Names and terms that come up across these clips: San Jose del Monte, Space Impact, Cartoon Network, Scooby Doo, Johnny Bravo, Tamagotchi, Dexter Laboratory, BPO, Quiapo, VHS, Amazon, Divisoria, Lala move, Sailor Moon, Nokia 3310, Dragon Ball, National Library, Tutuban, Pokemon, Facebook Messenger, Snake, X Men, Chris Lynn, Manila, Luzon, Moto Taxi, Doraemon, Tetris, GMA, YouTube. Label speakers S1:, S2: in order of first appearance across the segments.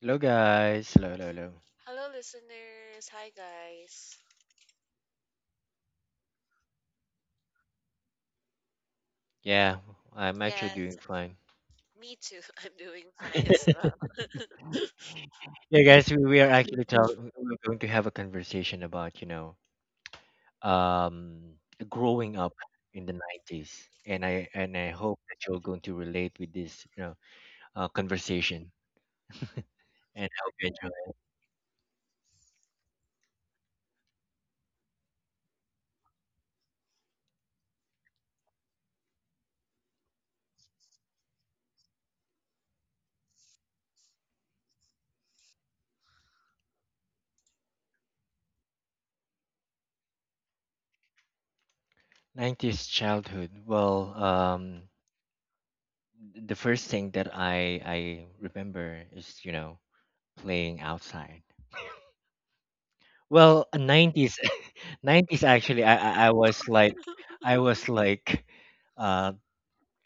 S1: Hello guys. Hello, hello, hello.
S2: Hello, listeners. Hi, guys.
S1: Yeah, I'm actually doing
S2: Yes,
S1: fine.
S2: me too. I'm doing fine as well.
S1: Yeah, guys, we are actually talking. We're going to have a conversation about um growing up in the nineties, and I hope that you're going to relate with this conversation, and I hope you enjoy it. Nineties childhood. Well, the first thing that I remember is playing outside. Well, nineties 90s actually I was like I was like uh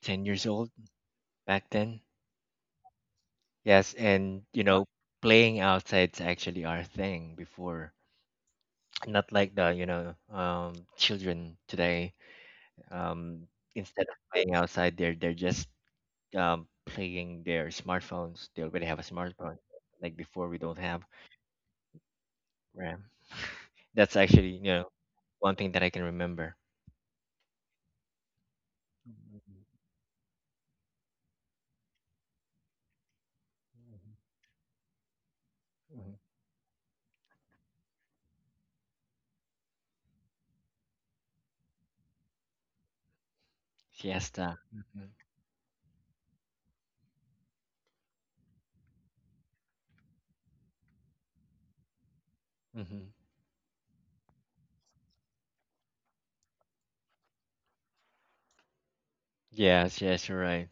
S1: 10 years old back then. Yes, and you know playing outside's actually our thing before. Not like the children today, um instead of playing outside they're just playing their smartphones. They already have a smartphone. Like before, we don't have RAM. That's actually you know one thing that I can remember. Mhm, mhm, mhm. Siesta. Hmm. Yes, yes, you're right.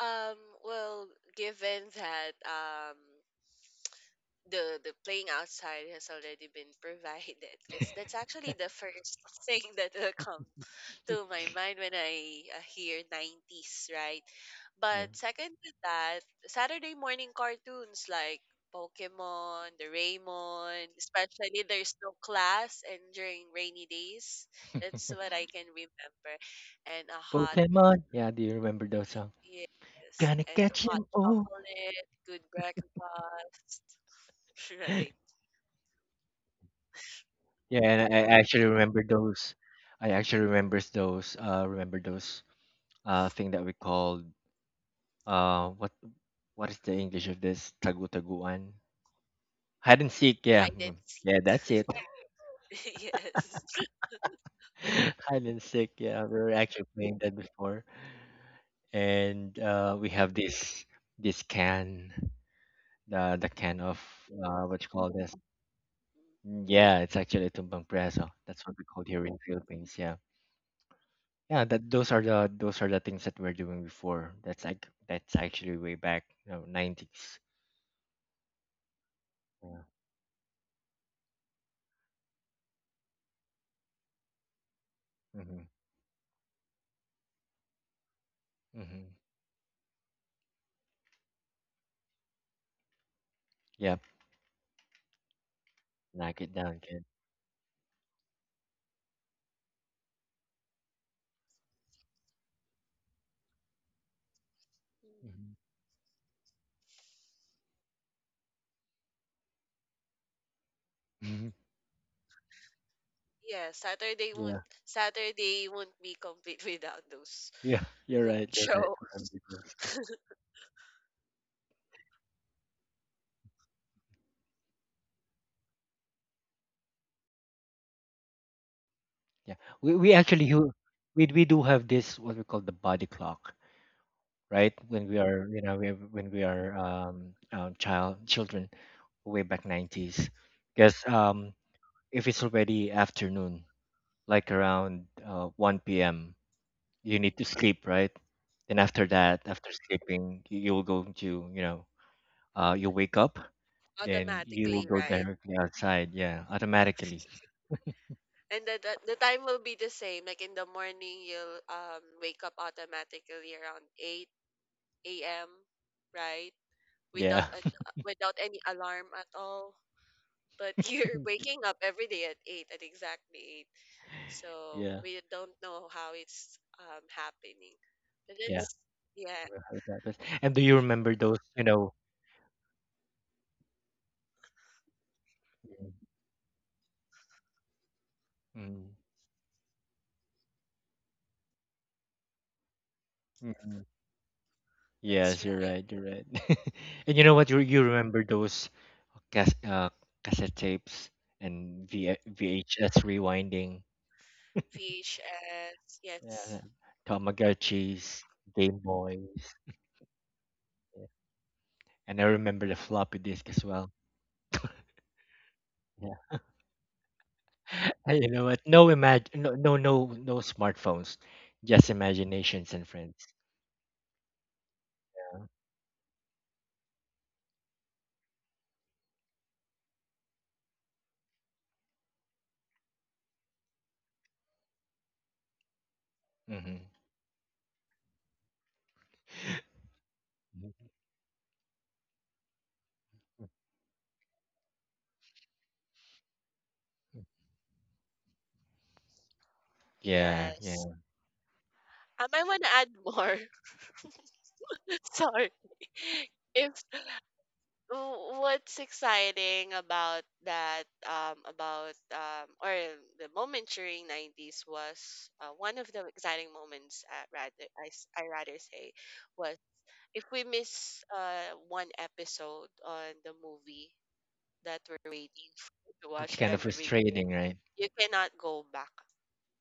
S2: Um, well, given that the playing outside has already been provided, because that's actually the first thing that will come to my mind when I hear 90s, right?
S1: Yeah.
S2: But second to that, Saturday morning cartoons like Pokemon, Doraemon, especially there's no class and during rainy days. That's what I can remember. And a hot,
S1: Pokemon. Yeah, do you remember those songs?
S2: yes,
S1: Gonna
S2: and a
S1: catch
S2: hot
S1: 'em all.
S2: chocolate, good breakfast, right?
S1: Yeah, and I actually remember those. I actually remember those. Remember those. Thing that we called. Uh, what what is the English of this? Tagu-taguan. Hide and seek. Yeah,
S2: Hide and
S1: mm, yeah,
S2: seek,
S1: that's it.
S2: yes.
S1: Hide and seek. Yeah, we were actually playing that before, and we have this can, the can of what you call this? Mm, yeah, it's actually tumbang preso. That's what we call here in Philippines. Yeah, yeah. That those are the things that we're doing before. That's like that's actually way back, you know, nineties. Yeah. Mhm. Mhm. Yep. Knock it down, kid.
S2: Mm-hmm.
S1: Mhm.
S2: Yeah, Saturday won't
S1: Yeah.
S2: Saturday won't be complete without those
S1: Yeah. You're right. You're right.
S2: show,
S1: Remember those. Yeah. We we actually hu- we do have this what we call the body clock, right? When we are when we are child children way back 90s, because if it's already afternoon, like around 1 p.m., you need to
S2: Mhm,
S1: sleep, right? Then after that, after sleeping, you'll go to, you know, you'll wake up, then you will
S2: automatically,
S1: go
S2: right?
S1: directly outside. Yeah, automatically.
S2: And the time will be the same. Like in the morning, you'll wake up automatically around 8 a.m., right? Without
S1: Yeah.
S2: an without any alarm at all. But you're waking up every day at 8, at exactly 8. So
S1: Yeah.
S2: we don't know how it's happening. But
S1: Yeah.
S2: that's, yeah,
S1: I've heard. And do you remember those, you know? Mm, mm, mm.
S2: that's
S1: Yes, you're
S2: right.
S1: right. You're right. And you know what? You remember those cas- uh, cassette tapes and VHS rewinding.
S2: VHS. Yes.
S1: Yeah, Tamagotchis, Game Boys, yeah. And I remember the floppy disk as well. Yeah. And you know what? No imag, no, no, no, no smartphones, just imaginations and friends. Hmm. Yeah,
S2: Yes.
S1: yeah,
S2: I want to add more. Sorry. If what's exciting about that, about or the moment during 90s was one of the exciting moments. At rather, I rather say, was if we miss one episode on the movie that we're waiting for to
S1: it's
S2: watch
S1: kind of
S2: every day,
S1: frustrating, right?
S2: you cannot go back.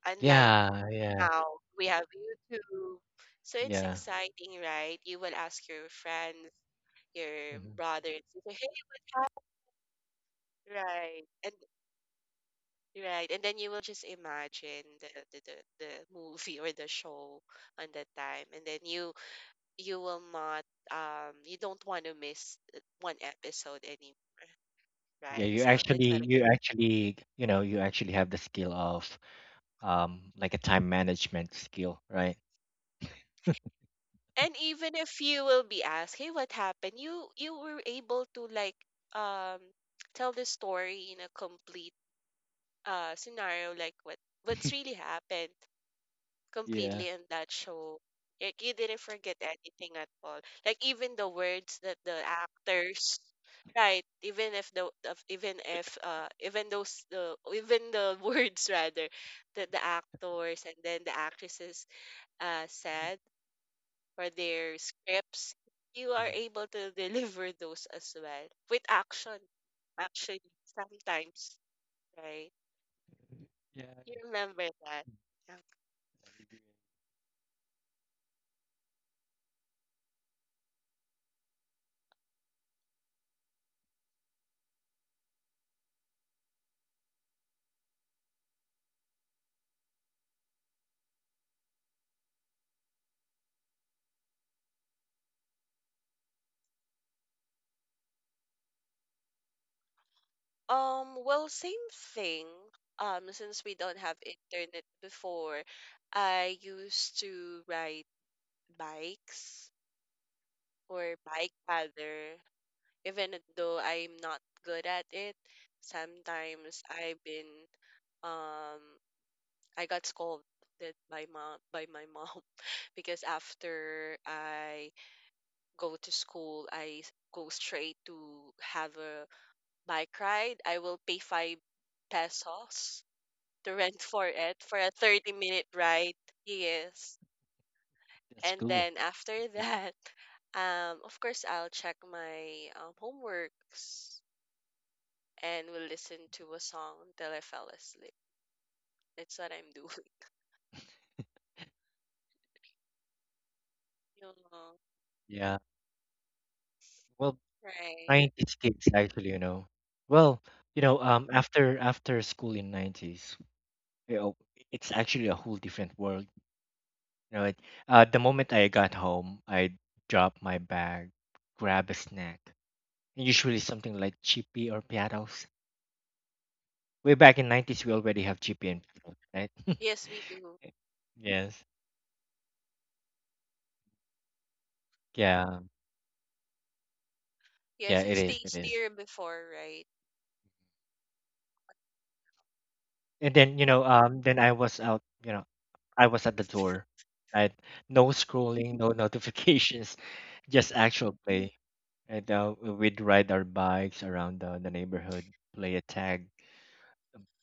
S2: Unlike
S1: Yeah, yeah,
S2: now we have YouTube. So it's
S1: yeah.
S2: exciting, right? You will ask your friends, your
S1: Hmm.
S2: brother, and sister, hey, right? And right, and then you will just imagine the, the, the movie or the show on that time, and then you will not, you don't want to miss one episode anymore.
S1: Yeah,
S2: Right, so that's what
S1: you actually, you know, you actually have the skill of like a time management skill, right?
S2: and even if you will be asked, hey, what happened? You were able to, like, um tell the story in a complete scenario, like what's really happened
S1: Yeah.
S2: completely in that show. Like you didn't forget anything at all. Like even the words that the actors, right? Even if the of- even if even those the even the words rather that the actors and then the actresses said for their scripts, you are
S1: Mhm.
S2: able to deliver those as well with action. Actually, sometimes, right?
S1: Yeah, I
S2: You remember that. Yeah.
S1: agree.
S2: Well, same thing. Since we don't have internet before, I used to ride bikes, or bike rather, even though I'm not good at it. Sometimes um I got scolded by my mom because after I go to school, I go straight to have a bike ride. I will pay 5 pesos to rent for it for a 30-minute minute ride. Yes.
S1: That's
S2: And
S1: cool.
S2: then after that, of course, I'll check my homeworks and will listen to a song until I fell asleep. That's what I'm doing. Yeah,
S1: Yeah. Well,
S2: right.
S1: 90s kids actually, you know. Well, you know, after school in 90s, you know, it's actually a whole different world. You know, the moment I got home, I drop my bag, grab a snack, and usually something like chippy or piatos. Way back in 90s we already have chippy and piatos, right?
S2: Yes, we do.
S1: Yes. Yeah. Yeah,
S2: Yes,
S1: it
S2: it's
S1: is. It is.
S2: tastier before, right?
S1: And then, you know, then I was out, you know, I was at the door. Right? No scrolling, no notifications, just actual play. And we'd ride our bikes around the neighborhood, play a tag.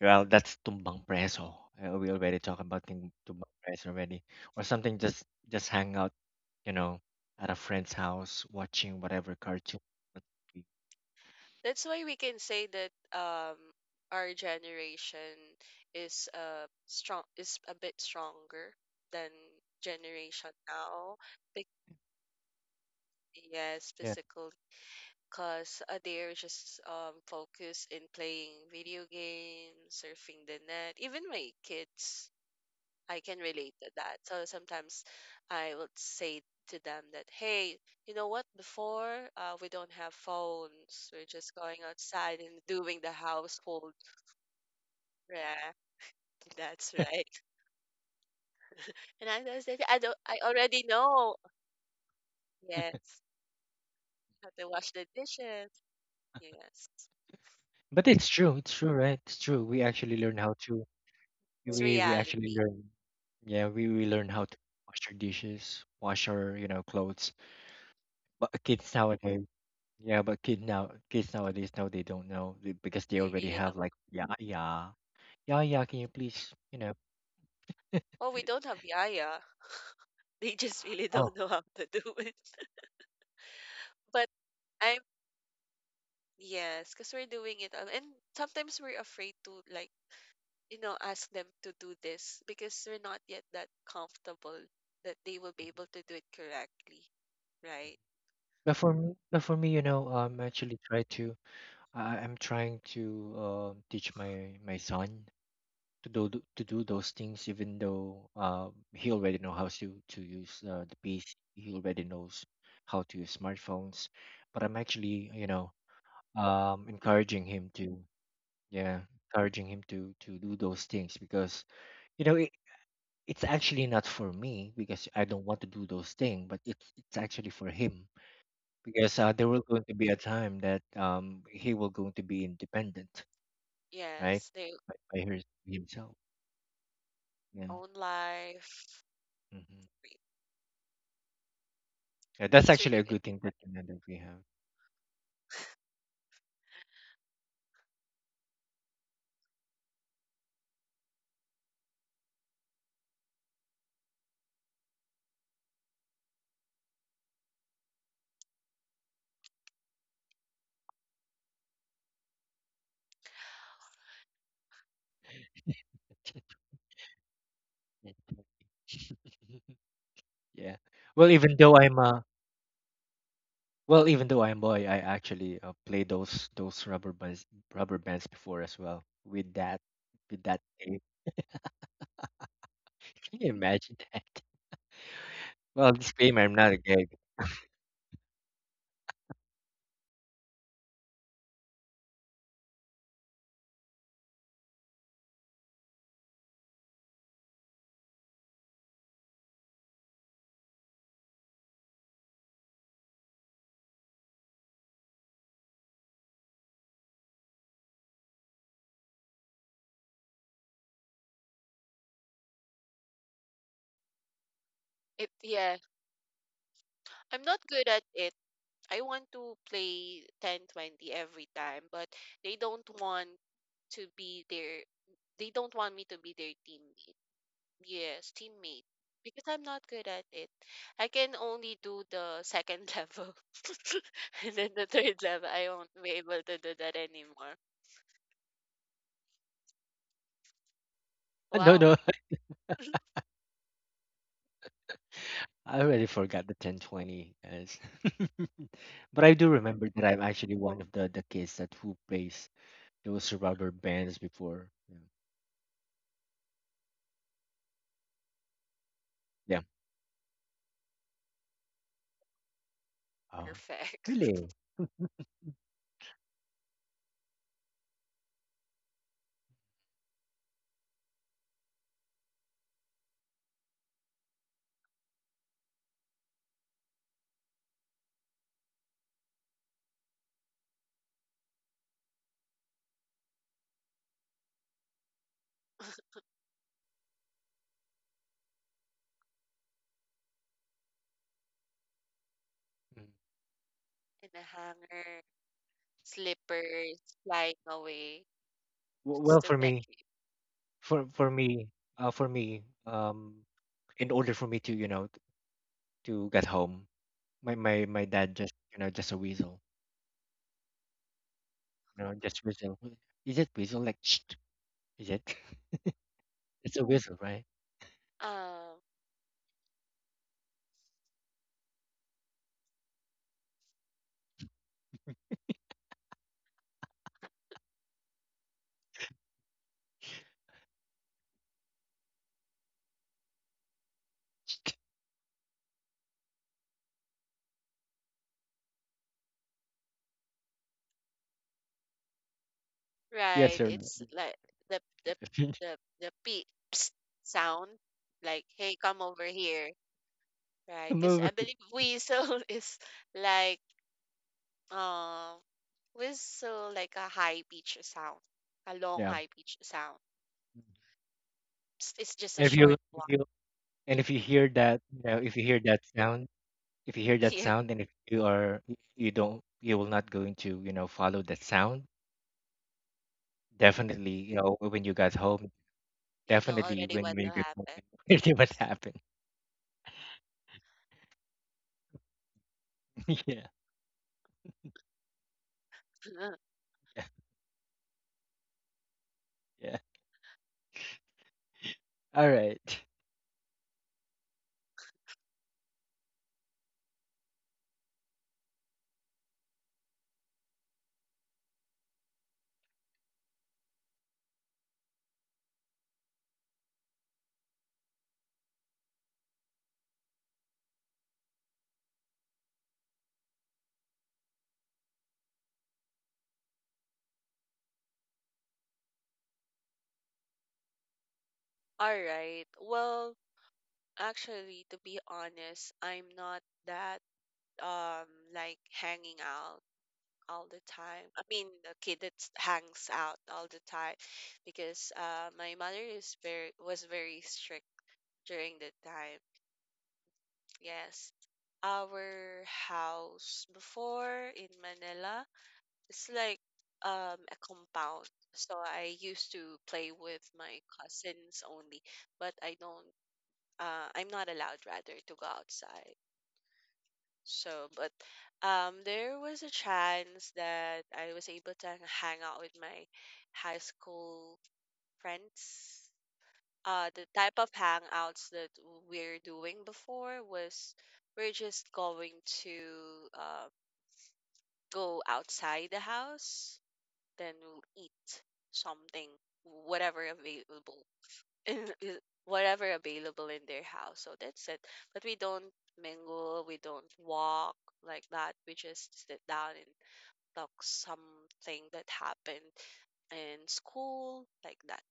S1: Well, that's tumbang preso. We already talked about ting- tumbang preso already. Or something, just hang out, you know, at a friend's house, watching whatever cartoon. But we-
S2: That's why we can say that um our generation is a bit stronger than generation now. Yes,
S1: Yeah.
S2: physical, because they're just focused in playing video games, surfing the net. Even my kids, I can relate to that. So sometimes I would say to them that, hey, you know what? Before, we don't have phones. We're just going outside and doing the household. Yeah, that's right. And I was like, I don't, I already know. Yes, how to wash the dishes. Yes,
S1: But it's true, right? It's true.
S2: it's
S1: We
S2: reality.
S1: actually learn, yeah, we learn how to wash our dishes, wash our, you know, clothes. But kids nowadays. Yeah, but kids nowadays now they don't know because they
S2: I
S1: already
S2: really
S1: have,
S2: don't.
S1: like, yeah yeah yeah yeah. Can you please, you know.
S2: Oh, we don't have yaya. They just really
S1: Oh,
S2: don't know how to do it. But I'm yes, because we're doing it, and sometimes we're afraid to, like, ask them to do this because we're not yet that comfortable that they will be able to do it correctly, right?
S1: but for me, but for me, you know, I'm actually try to, I'm trying to teach my son to do, to do those things, even though he already know how to use the PC, he already knows how to use smartphones, but I'm actually you know encouraging him to, yeah, encouraging him to do those things, because you know it's actually not for me because I don't want to do those things, but it's actually for him, because there will going to be a time that he will going to be independent, right?
S2: Yes, their
S1: By his, himself. Yeah.
S2: own life.
S1: Hmm.
S2: Right.
S1: Yeah, that's
S2: It's
S1: actually
S2: really
S1: a
S2: good.
S1: good thing
S2: Right.
S1: that you know, that we have. Yeah. Well, even though I'm a well, even though I'm boy, I actually play those rubber bands, rubber bands before as well, with that, with that tape. Can you imagine that? Well, disclaimer, I'm not a gay.
S2: It Yeah, I'm not good at it. I want to play 10-20 every time, but they don't want to be there. They don't want me to be their teammate. Yes, teammate. Because I'm not good at it. I can only do the second level. And then the third level, I won't be able to do that anymore.
S1: No,
S2: Wow,
S1: no. I already forgot the 1020. Yes. But I do remember that I'm actually one of the kids that who plays those rubber bands before. Yeah. Yeah. Oh,
S2: perfect.
S1: really? Mm.
S2: And a hanger, slippers, flying away. Just
S1: Well,
S2: to
S1: for
S2: get
S1: me,
S2: you.
S1: for for me, for me, in order for me to, you know, to get home, my dad just, you know, just a whistle, you know, just whistle. Is it whistle like? Is it? It's a whistle, right?
S2: Um,
S1: Yes,
S2: right.
S1: sir.
S2: It's like the the the the beep sound. Like, hey, come over here. Right.
S1: Come
S2: Because I
S1: over.
S2: believe weasel is like, Uh, whistle, like a high pitch sound, a long
S1: Yeah.
S2: high pitch sound. It's just a
S1: And if you
S2: short
S1: if
S2: one.
S1: you and if you hear that, you know, if you hear that sound, if you hear that
S2: Yeah,
S1: sound, and if you are, you don't, you will not going to, you know, follow that sound, definitely, you know, when you got home,
S2: you know
S1: definitely
S2: already what
S1: when you
S2: will
S1: get home,
S2: happen.
S1: it will happen. Yeah, yeah. All right.
S2: All right. Well, actually, to be honest, I'm not that, um like, hanging out all the time. I mean, the kid that hangs out all the time, because my mother is very was very strict during the time. Yes. Our house before in Manila, it's like a compound. So I used to play with my cousins only, but I'm not allowed, rather, to go outside. So, but there was a chance that I was able to hang out with my high school friends. Uh the type of hangouts that we're doing before was, we're just going to, uh, go outside the house, then we'll eat something, whatever available in in- whatever available in their house, so that's it. But we don't mingle, we don't walk like that, we just sit down and talk something that happened in school, like that.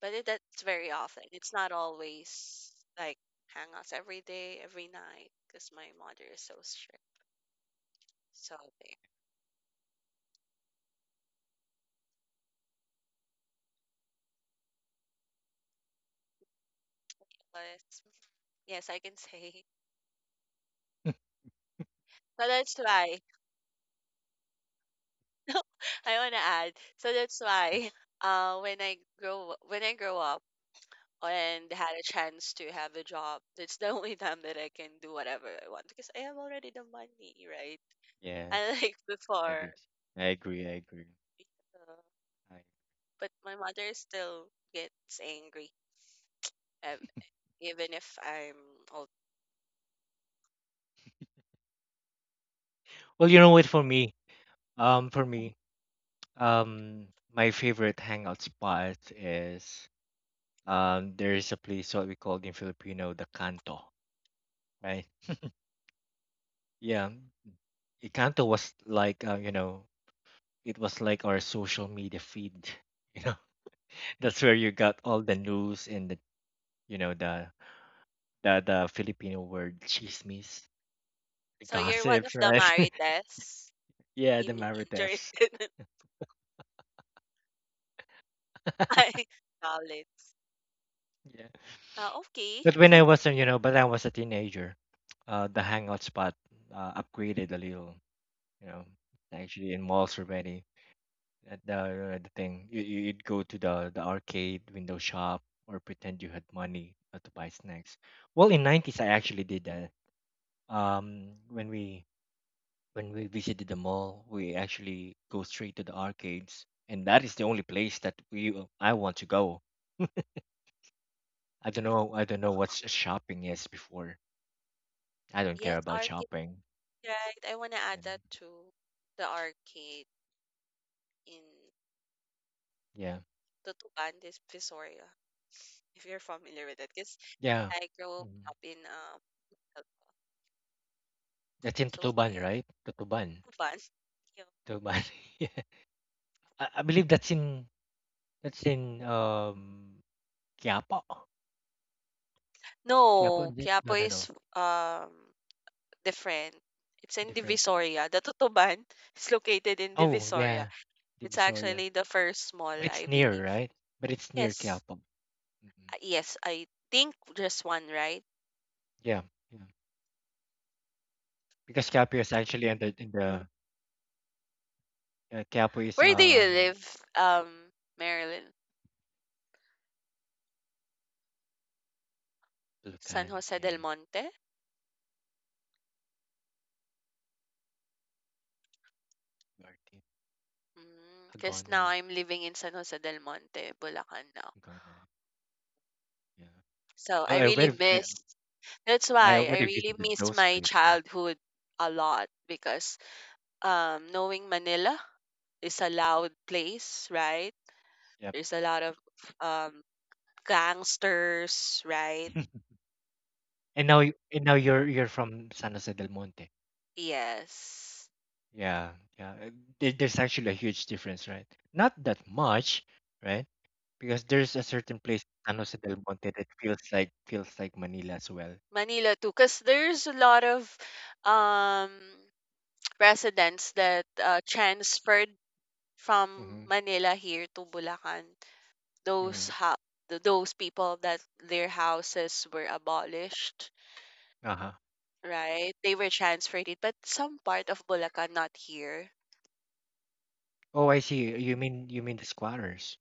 S2: But that's very often. It's not always like hangouts every day, every night, because my mother is so strict. So there. But yes, I can say. So that's why I want to add. So that's
S1: Yeah.
S2: why, when I grow up and had a chance to have a job, that's the only time that I can do whatever I want because I have already the money, right?
S1: Yes,
S2: Unlike
S1: I
S2: before.
S1: agree. I agree. I agree.
S2: Uh,
S1: I-
S2: but my mother still gets angry even if I'm old.
S1: Well, you know what? For me, um, for me, Um, my favorite hangout spot is there is a place what we call in Filipino the Kanto, right? Yeah, the Kanto was like, you know, it was like our social media feed, you know. That's where you got all the news and the you know the Filipino word chismis, the
S2: So you're one of
S1: gossips,
S2: the
S1: right?
S2: Marites,
S1: Yeah,
S2: you
S1: the
S2: mean, during
S1: marites.
S2: my college.
S1: Yeah,
S2: Okay.
S1: but when I was a you know, but I was a teenager, the hangout spot upgraded a little, you know. Actually in malls already, at the thing, you'd go to the arcade, window shop, or pretend you had money to buy snacks. Well, in 90s I actually did that. When we, when we visited the mall, we actually go straight to the arcades, and that is the only place that we I want to go. I don't know, I don't know what's shopping is before. I don't care
S2: Yes,
S1: about
S2: arcade,
S1: shopping.
S2: right? I want to add
S1: And
S2: that to the arcade in
S1: yeah,
S2: Tutuban, this Visoria, if you're familiar with it. Because
S1: yeah.
S2: I grew
S1: Mhm.
S2: up in,
S1: That's in
S2: so
S1: Tutuban,
S2: there.
S1: right? Tutuban.
S2: Tutuban. Yeah.
S1: Dog. Yeah. I believe that's in, that's in Quiapo. Quiapo,
S2: No,
S1: is it?
S2: Quiapo
S1: No, no, no.
S2: is different. It's in
S1: Different.
S2: Divisoria. The Tutuban is located in
S1: Oh
S2: Divisoria.
S1: yeah.
S2: It's
S1: Divisoria.
S2: actually the first
S1: But
S2: mall,
S1: it's
S2: I
S1: near,
S2: believe.
S1: right? But it's near
S2: Yes.
S1: Quiapo. Mm-mm.
S2: Yes, I think just one, right?
S1: Yeah. Yeah. Because Quiapo is actually in the, in the Quiapo is
S2: Where do you live, um, Marilyn? San
S1: Bulucan.
S2: Jose del
S1: Yeah.
S2: Monte?
S1: Norte.
S2: Because now
S1: Hagonoy.
S2: I'm living in San Jose del Monte, Bulacan now.
S1: Hagonoy. Yeah.
S2: So
S1: Well,
S2: I really miss. That's
S1: I
S2: why I
S1: already
S2: really
S1: visited
S2: miss
S1: those
S2: my
S1: places, right?
S2: childhood a lot, because, knowing Manila is a loud place, right?
S1: Yep.
S2: There's a lot of um, gangsters, right?
S1: and now you- and now you're from San Jose del Monte.
S2: Yes.
S1: Yeah, yeah. There's actually a huge difference, right? Not that much, right? Because there's a certain place, San Jose del Monte, that feels like Manila as well.
S2: Manila too, cause there's a lot of um residents that transferred from
S1: Mm-hmm.
S2: Manila here to Bulacan.
S1: Mm-hmm.
S2: Those people that their houses were abolished,
S1: Uh-huh.
S2: right? They were transferred it, but some part of Bulacan, not here.
S1: Oh, I see. You mean the squatters,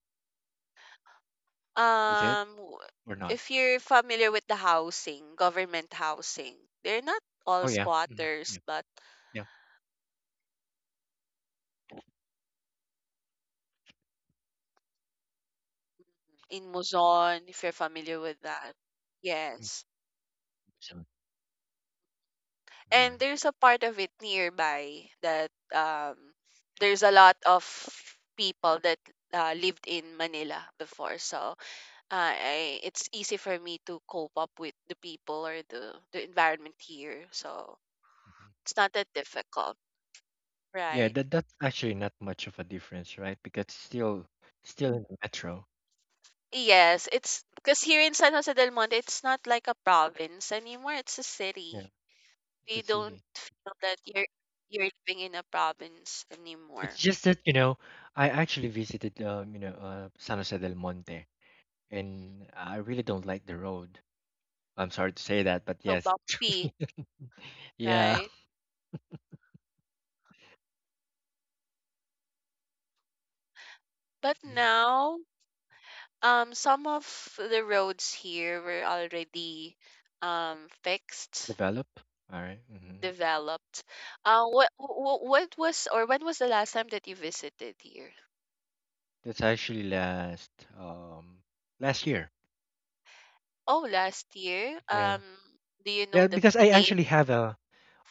S1: is it
S2: Um w-
S1: or not?
S2: if you're familiar with the housing, government housing, they're not all
S1: Oh yeah. Mm-hmm.
S2: squatters,
S1: Yeah.
S2: but
S1: Yeah.
S2: in Luzon, if you're familiar with that.
S1: Mm.
S2: Yes.
S1: So yeah.
S2: And there's a part of it nearby that, there's a lot of people that lived in Manila before. So, it's easy for me to cope up with the people, or the environment here. So
S1: Mm-hmm.
S2: it's not that difficult,
S1: Yeah.
S2: right?
S1: That's actually not much of a difference, right? Because it's still, still in the metro.
S2: Yes, it's because here in San Jose del Monte, it's not like a province anymore. It's a
S1: Yeah.
S2: city.
S1: It's
S2: You
S1: a
S2: don't
S1: city.
S2: feel that you're living in a province
S1: It's
S2: anymore.
S1: just that, you know, I actually visited, you know, San Jose del Monte, and I really don't like the road. I'm sorry to say that, but
S2: So
S1: yes.
S2: bumpy,
S1: Yeah.
S2: right? But
S1: Mhm.
S2: now, some of the roads here were already fixed,
S1: Develop. All right. Mm-hmm.
S2: developed. What, what was, or when was the last time that you visited here?
S1: That's actually last, um, last year.
S2: Oh, last year.
S1: Yeah.
S2: Do you know
S1: Yeah,
S2: the,
S1: because I
S2: name?
S1: actually have a,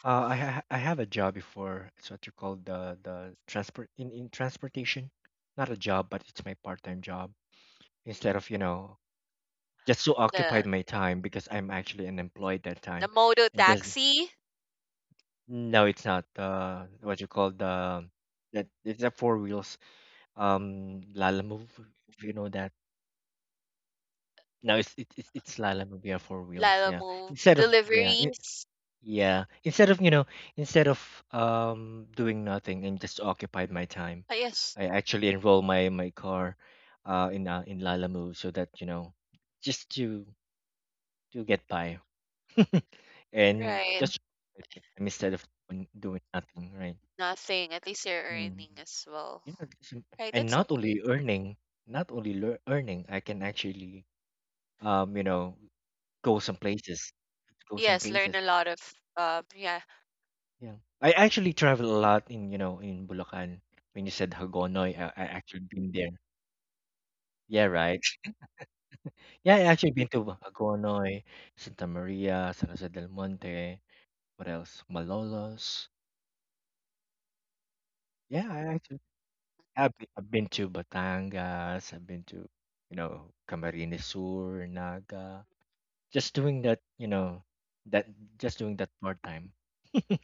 S1: I have a job before. It's what you call the transport, in transportation. Not a job, but it's my part-time job. Instead of, you know, just so
S2: The
S1: occupied my time because I'm actually unemployed that
S2: the
S1: time,
S2: Moto
S1: and just
S2: Taxi,
S1: no, it's not what you call the that. It's a four wheels, Lala move, if you know that. No, it's it's Lala move, yeah, four wheels,
S2: Lala
S1: yeah.
S2: Move,
S1: Instead of, yeah,
S2: deliveries.
S1: yeah, instead of, you know, instead of doing nothing and just occupied my time,
S2: Ah, yes,
S1: I actually enroll my car in Lala move, so that, you know, just to get by, and
S2: right.
S1: just instead of doing, doing nothing, right?
S2: Nothing. At least you're
S1: Mm.
S2: earning as well.
S1: Yeah, it's im-
S2: Right,
S1: and
S2: that's
S1: not
S2: okay.
S1: only earning, not only earning, I can actually, you know, go some places, go some
S2: Yes, learn
S1: places.
S2: a lot of, yeah.
S1: Yeah, I actually travel a lot in, you know, in Bulacan. When you said Hagonoy, I actually been there. Yeah, right. Yeah, I actually been to Hagonoy, Santa Maria, San Jose del Monte. What else? Malolos. Yeah, I've been to Batangas. I've been to, you know, Camarines Sur, Naga. Just doing that, you know, that just doing that part time.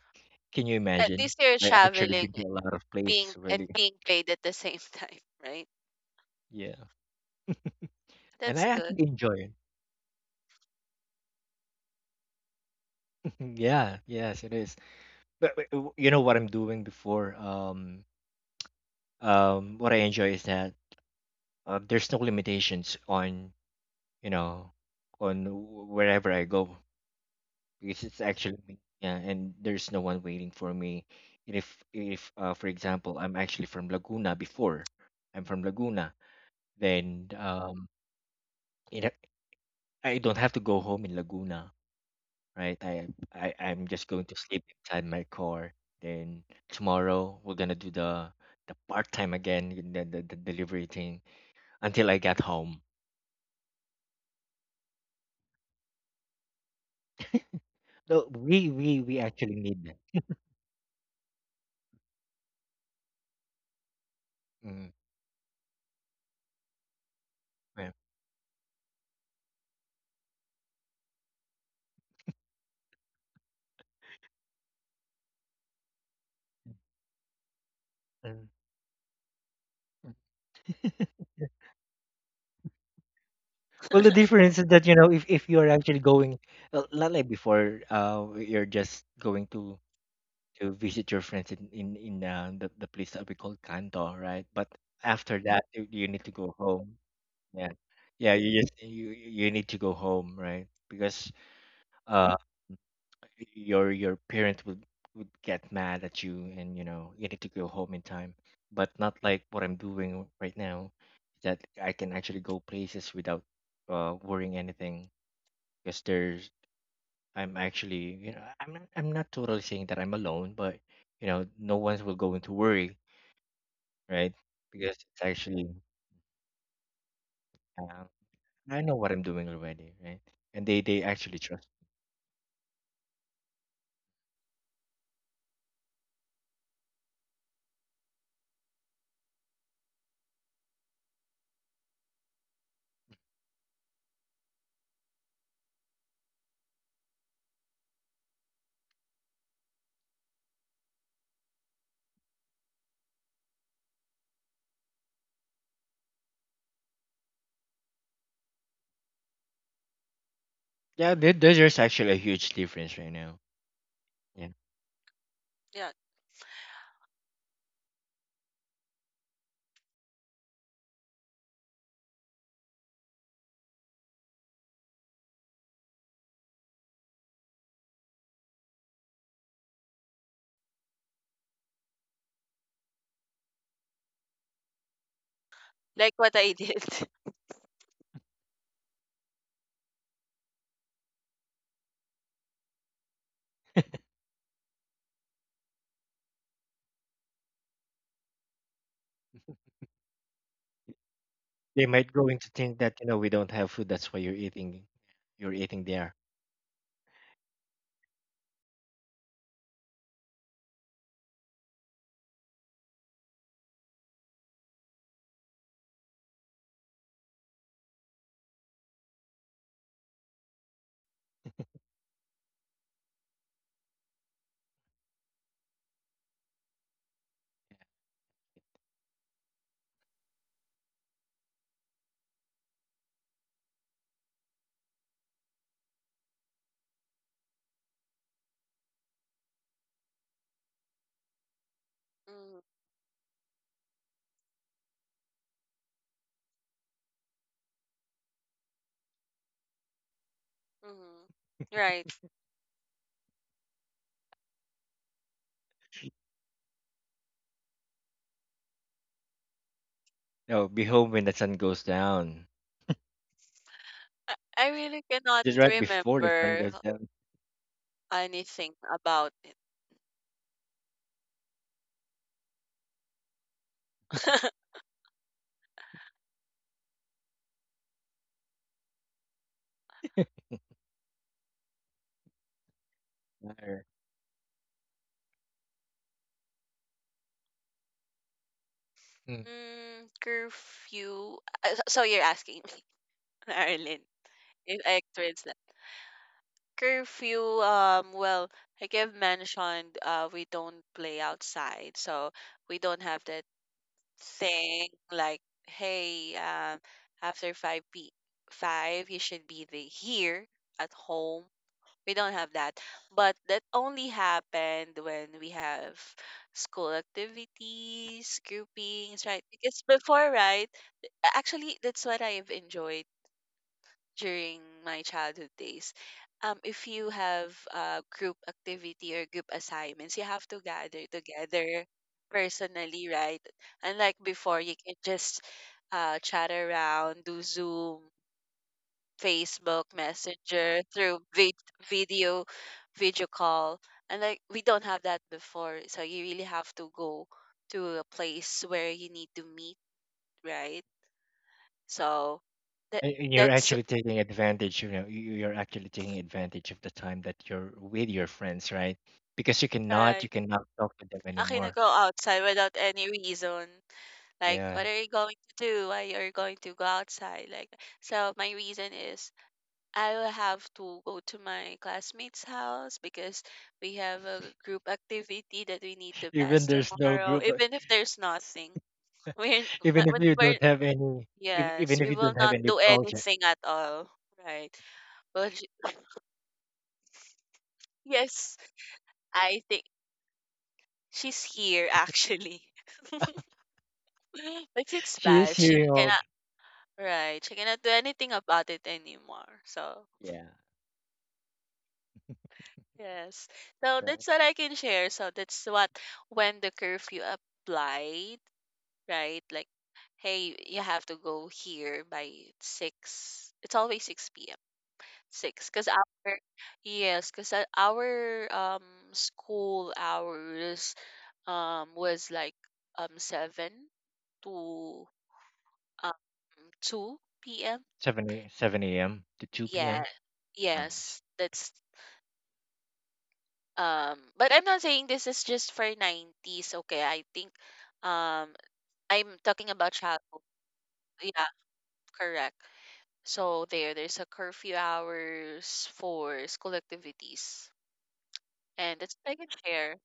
S1: Can you
S2: At
S1: imagine?
S2: least you're
S1: I actually
S2: traveling,
S1: been to a lot of
S2: being
S1: places
S2: and
S1: already.
S2: being paid at the same time, right?
S1: Yeah, and
S2: That's
S1: I
S2: good.
S1: actually enjoy it. Yeah, yes, it is. But you know what I'm doing before. What I enjoy is that there's no limitations on, you know, on wherever I go. Because it's actually me, yeah, and there's no one waiting for me. And if, for example, I'm actually from Laguna before, I'm from Laguna, then it, ha- I don't have to go home in Laguna, right? I'm just going to sleep inside my car, then tomorrow we're gonna do the part time again, the, the delivery thing until I get home. No, we we actually need that. Mm, yeah. Mm. Well, the difference is that you know, if you are actually going, well, not like before, you're just going to visit your friends in the place that we call Kanto, right? But after that, you need to go home. Yeah, yeah. You just you need to go home, right? Because uh, your parent would get mad at you, and you know, you need to go home in time. But not like what I'm doing right now, that I can actually go places without worrying anything because there's I'm actually you know, I'm not totally saying that I'm alone, but you know, no one will go into worry, right? Because it's actually uh, I know what I'm doing already, right? And they actually trust. Yeah, there's actually a huge difference right now. Yeah,
S2: Yeah, like what I did.
S1: they might go into think that you know, we don't have food, that's why you're eating there.
S2: Mm, mhm. Right.
S1: No, be home when the sun goes down.
S2: I really cannot
S1: Just right before the sun
S2: remember
S1: goes down.
S2: anything about it.
S1: Right.
S2: Curfew. So you're asking me, Ireland, if I experience that. Curfew, well, like I've mentioned, we don't play outside, so we don't have that thing like, hey, after 5 p 5, you should be the here at home. We don't have that. But that only happened when we have school activities, groupings, right? Because before, right, actually that's what I've enjoyed during my childhood days. If you have a group activity or group assignments, you have to gather together personally, right? Unlike before, you can just chat around, do Zoom, Facebook Messenger through video, video call, and, like, we don't have that before, so you really have to go to a place where you need to meet, right? So that
S1: And you're
S2: that's
S1: actually taking advantage, you know, you're actually taking advantage of the time that you're with your friends, right? Because you
S2: right.
S1: cannot talk to them
S2: I can
S1: anymore.
S2: go outside without any reason. Like,
S1: Yeah.
S2: what are you going to do? Why are you going to go outside? Like, so my reason is I will have to go to my classmate's house because we have a group activity that we need to
S1: Even
S2: pass
S1: there's no
S2: tomorrow.
S1: group,
S2: Even if there's nothing, we're,
S1: even
S2: not-
S1: if you
S2: we're-
S1: don't have any, if,
S2: yes,
S1: even if
S2: we
S1: you
S2: will
S1: don't have
S2: not
S1: any
S2: do
S1: project,
S2: anything at all, right? But yes, I think she's here actually. But it's
S1: she is
S2: bad. She
S1: hearing all,
S2: cannot. Right. She cannot do anything about it anymore. So,
S1: yeah,
S2: yes. So
S1: right.
S2: that's what I can share. So that's what when the curfew applied, right? Like, hey, you have to go here by 6. It's always 6 p.m. 6 because our yes, because our school hours was like 7 to um 2 p.m.
S1: 7 a.m. to 2
S2: Yeah,
S1: p.m.
S2: yes.
S1: hours.
S2: That's but I'm not saying this is just for 90s. Okay, I think um I'm talking about childhood. Yeah, correct. So there's a curfew hours for school activities. And that's what I can share.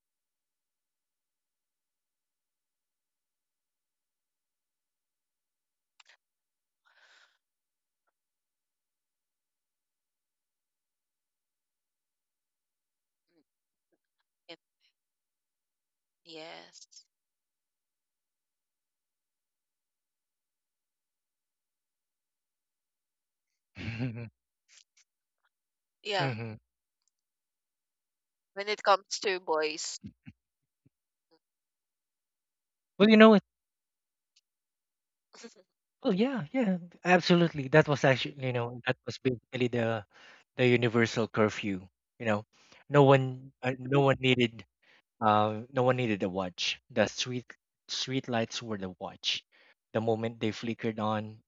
S2: mm, It- yes. Yeah.
S1: hmm
S2: When it comes to boys,
S1: Well, you know, oh yeah, yeah, absolutely. That was actually, you know, that was basically the universal curfew. You know, no one, no one needed, no one needed a watch. The street lights were the watch. The moment they flickered on,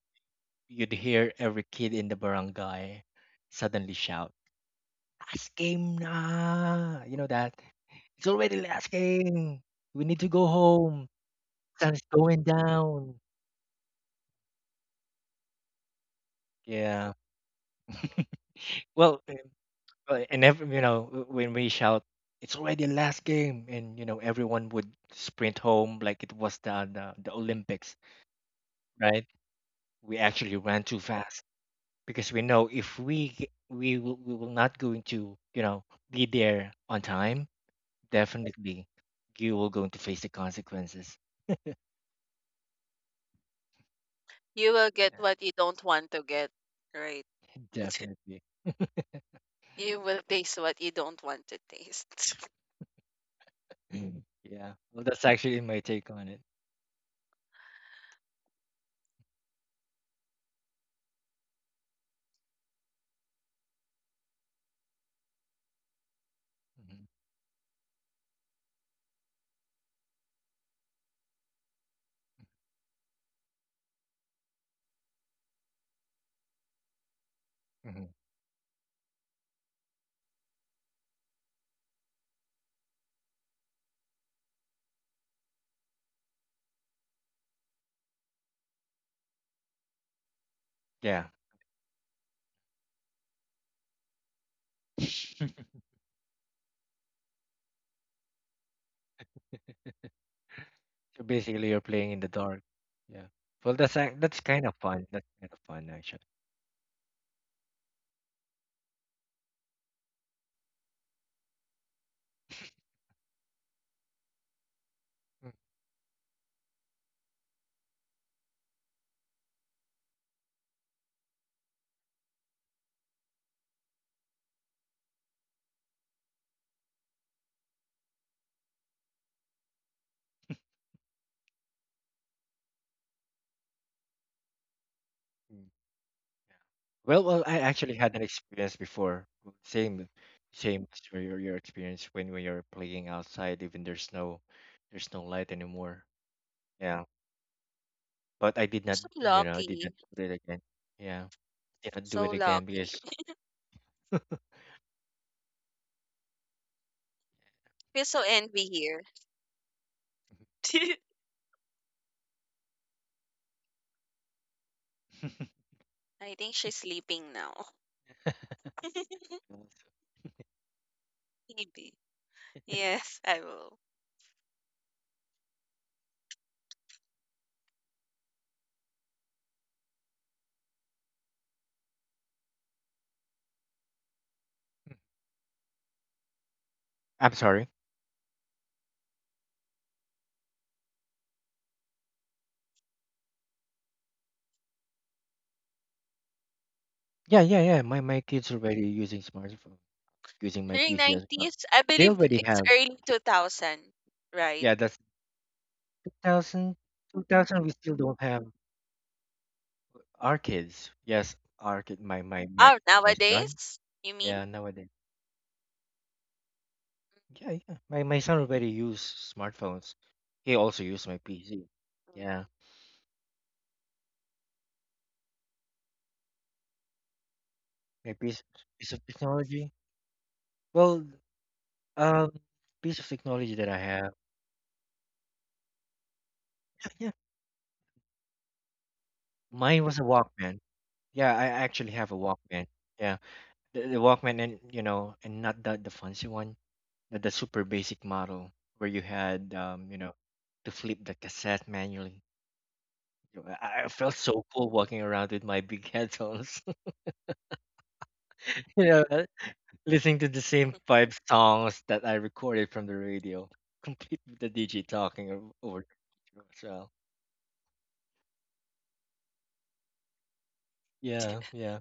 S1: you'd hear every kid in the barangay suddenly shout, "Last game na!" You know that it's already last game. We need to go home. Sun's going down. Yeah. Well, well, and every you know, when we shout, it's already the last game, and you know, everyone would sprint home like it was the the Olympics, right? We actually ran too fast because we know if we will, we will not going to you know be there on time, definitely you will going to face the consequences.
S2: you will get
S1: Yeah,
S2: what you don't want to get, right?
S1: definitely.
S2: You will taste what you don't want to taste.
S1: Mhm. Yeah. Well, that's actually my take on it. Hmm hmm Yeah. So basically, you're playing in the dark. Yeah. Well, that's kind of fun. That's kind of fun, actually. Mm. Mm. Well, well, I actually had an experience before. Same, as your your experience when you're playing outside, even there's no light anymore. Yeah, but I did not,
S2: So
S1: you know, I did
S2: lucky.
S1: not do it again. Yeah, did not do
S2: So
S1: it again
S2: lucky.
S1: because
S2: Feel so envy here. I think she's sleeping now. Maybe. Yes, I will.
S1: I'm sorry. Yeah, yeah, yeah. My kids already using smartphone, using my
S2: During
S1: PC as well.
S2: 90s, I
S1: They
S2: believe
S1: already
S2: it's
S1: have.
S2: early 2000, right?
S1: Yeah, that's 2,000, 2,000. We still don't have our kids. Yes, our kid,
S2: Oh,
S1: my son.
S2: nowadays, you mean?
S1: Yeah, nowadays. Yeah, yeah. My son already use smartphones. He also use my PC.
S2: Mhm.
S1: Yeah, my piece of technology. Well, um, piece of technology that I have. Yeah, mine was a Walkman. Yeah, I actually have a Walkman. Yeah, the Walkman, and you know, and not the fancy one. The the, super basic model where you had you know, to flip the cassette manually. You know, I felt so cool walking around with my big headphones, you know, listening to the same five songs that I recorded from the radio, complete with the DJ talking over the radio as well. Yeah, yeah.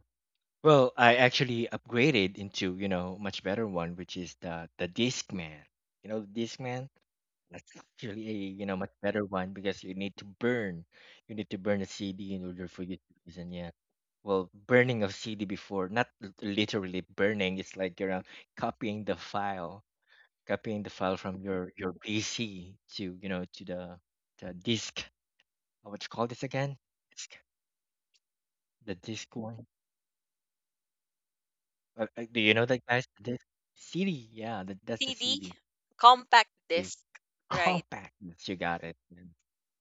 S1: Well, I actually upgraded into you know much better one, which is the Discman. You know, the Discman. That's actually a you know much better one because you need to burn a CD in order for you to listen. Yeah, well, burning of CD before, not literally burning. It's like you're copying the file, copying the file from your PC to you know to the disk. What you call this again? Disk. The disk one. Do you know that, guys? The disk CD. Yeah, that, that's the
S2: CD,
S1: CD.
S2: compact
S1: The
S2: disc, right?
S1: compact. You got it.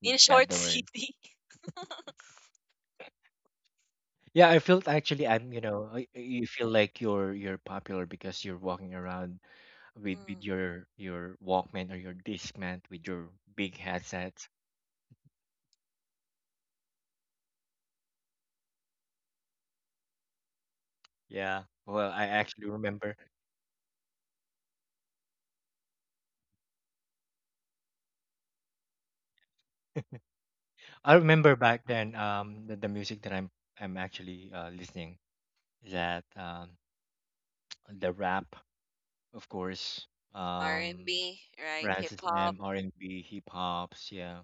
S1: You
S2: In
S1: got
S2: short,
S1: the word.
S2: CD.
S1: Yeah, I felt actually you know, you feel like you're popular because you're walking around with
S2: Mm,
S1: your Walkman or your Discman with your big headsets. Yeah. Well, I actually remember. I remember back then the music that I'm actually listening is that the rap, of course, um
S2: R&B, right? Hip
S1: Francis
S2: hop,
S1: M, R&B, hip hops, yeah.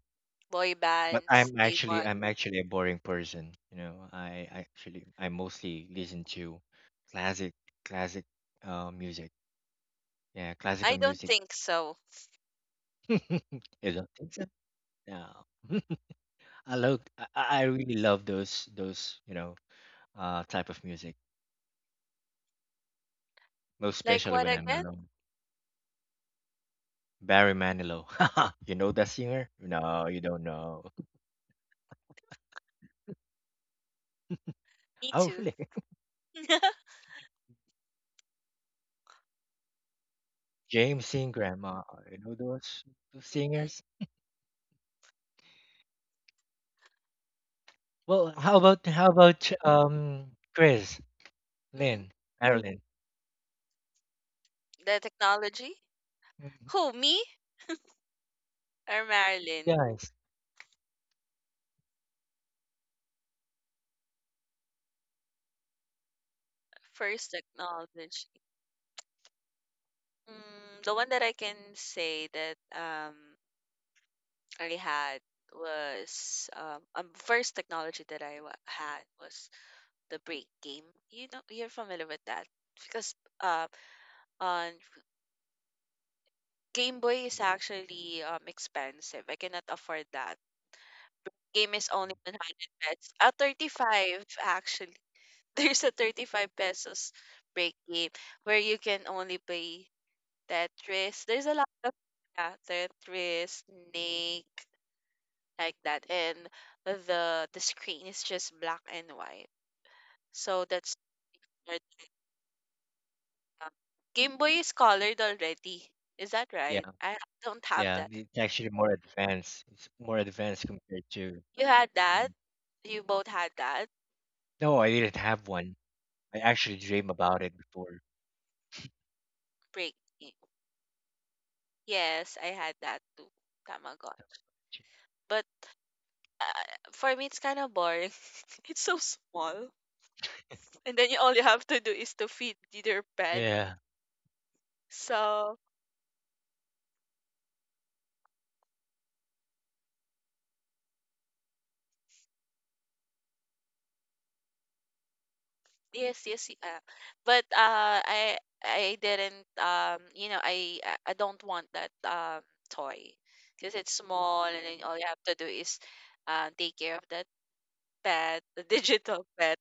S2: boy
S1: But
S2: bands, A1.
S1: I'm actually a boring person. You know, I actually I mostly listen to classic classic music. Yeah,
S2: I
S1: classical
S2: don't
S1: music.
S2: think so.
S1: You don't think so? No. I love I really love those you know type of music, most
S2: Like
S1: especially
S2: what
S1: when I'm
S2: again?
S1: alone. Barry Manilow. You know that singer? No, you don't know.
S2: Me
S1: Oh,
S2: too.
S1: really? James Ingram. You know those singers? Well, how about Chris?
S2: Mm,
S1: Lynn, Ireland.
S2: the technology?
S1: Mhm.
S2: Who, me or Marilyn?
S1: Guys.
S2: First technology. Mm, the one that I can say that I had was first technology that I had was the break game. You know, you're familiar with that because uh on Game Boy is actually expensive. I cannot afford that. Game is
S1: Mhm.
S2: only 100 pesos. 35 actually. There's a 35 pesos break game where you can only play Tetris. There's a lot of yeah, Tetris, Snake, like that, and the screen is just black and white. So that's where the, uh, Game Boy is colored already. Is that
S1: Yeah,
S2: right? I don't have
S1: yeah.
S2: that.
S1: It's actually more advanced. It's more advanced compared to.
S2: You had
S1: Yeah.
S2: that. You both had that.
S1: No, I didn't have one. I actually dream about it before.
S2: Break. Yes, I had that too. Tamagot. But uh, for me, it's kind of boring. It's so small, and then you all you have to do is to feed your pet.
S1: Yeah,
S2: So yes, yes, but I didn't you know I don't want that toy because it's small and then all you have to do is take care of that pet, the digital pet,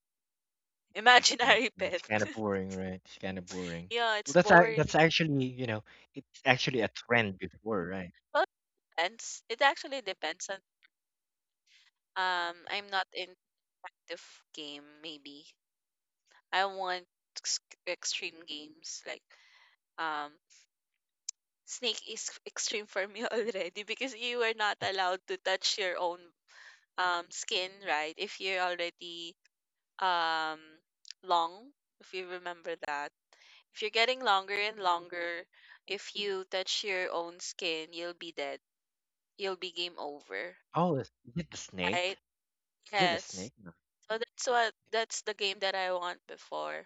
S1: little pet.
S2: imaginary
S1: And it's
S2: pet.
S1: kind of boring, right? It's kind of boring.
S2: Yeah,
S1: Well,
S2: it's
S1: that's
S2: boring.
S1: actually you know, it's actually a trend before, right?
S2: Well, it depends. It actually depends on I'm not into active game maybe. I want ex- extreme games like um snake is extreme for me already because you were not allowed to touch your own skin, right? If you're already um long, if you remember that. If you're getting longer and longer, if you touch your own skin, you'll be dead. You'll be game over,
S1: Oh, is it the
S2: right?
S1: snake? Is it the
S2: Yes.
S1: snake? No.
S2: So that's what that's the game that I want before.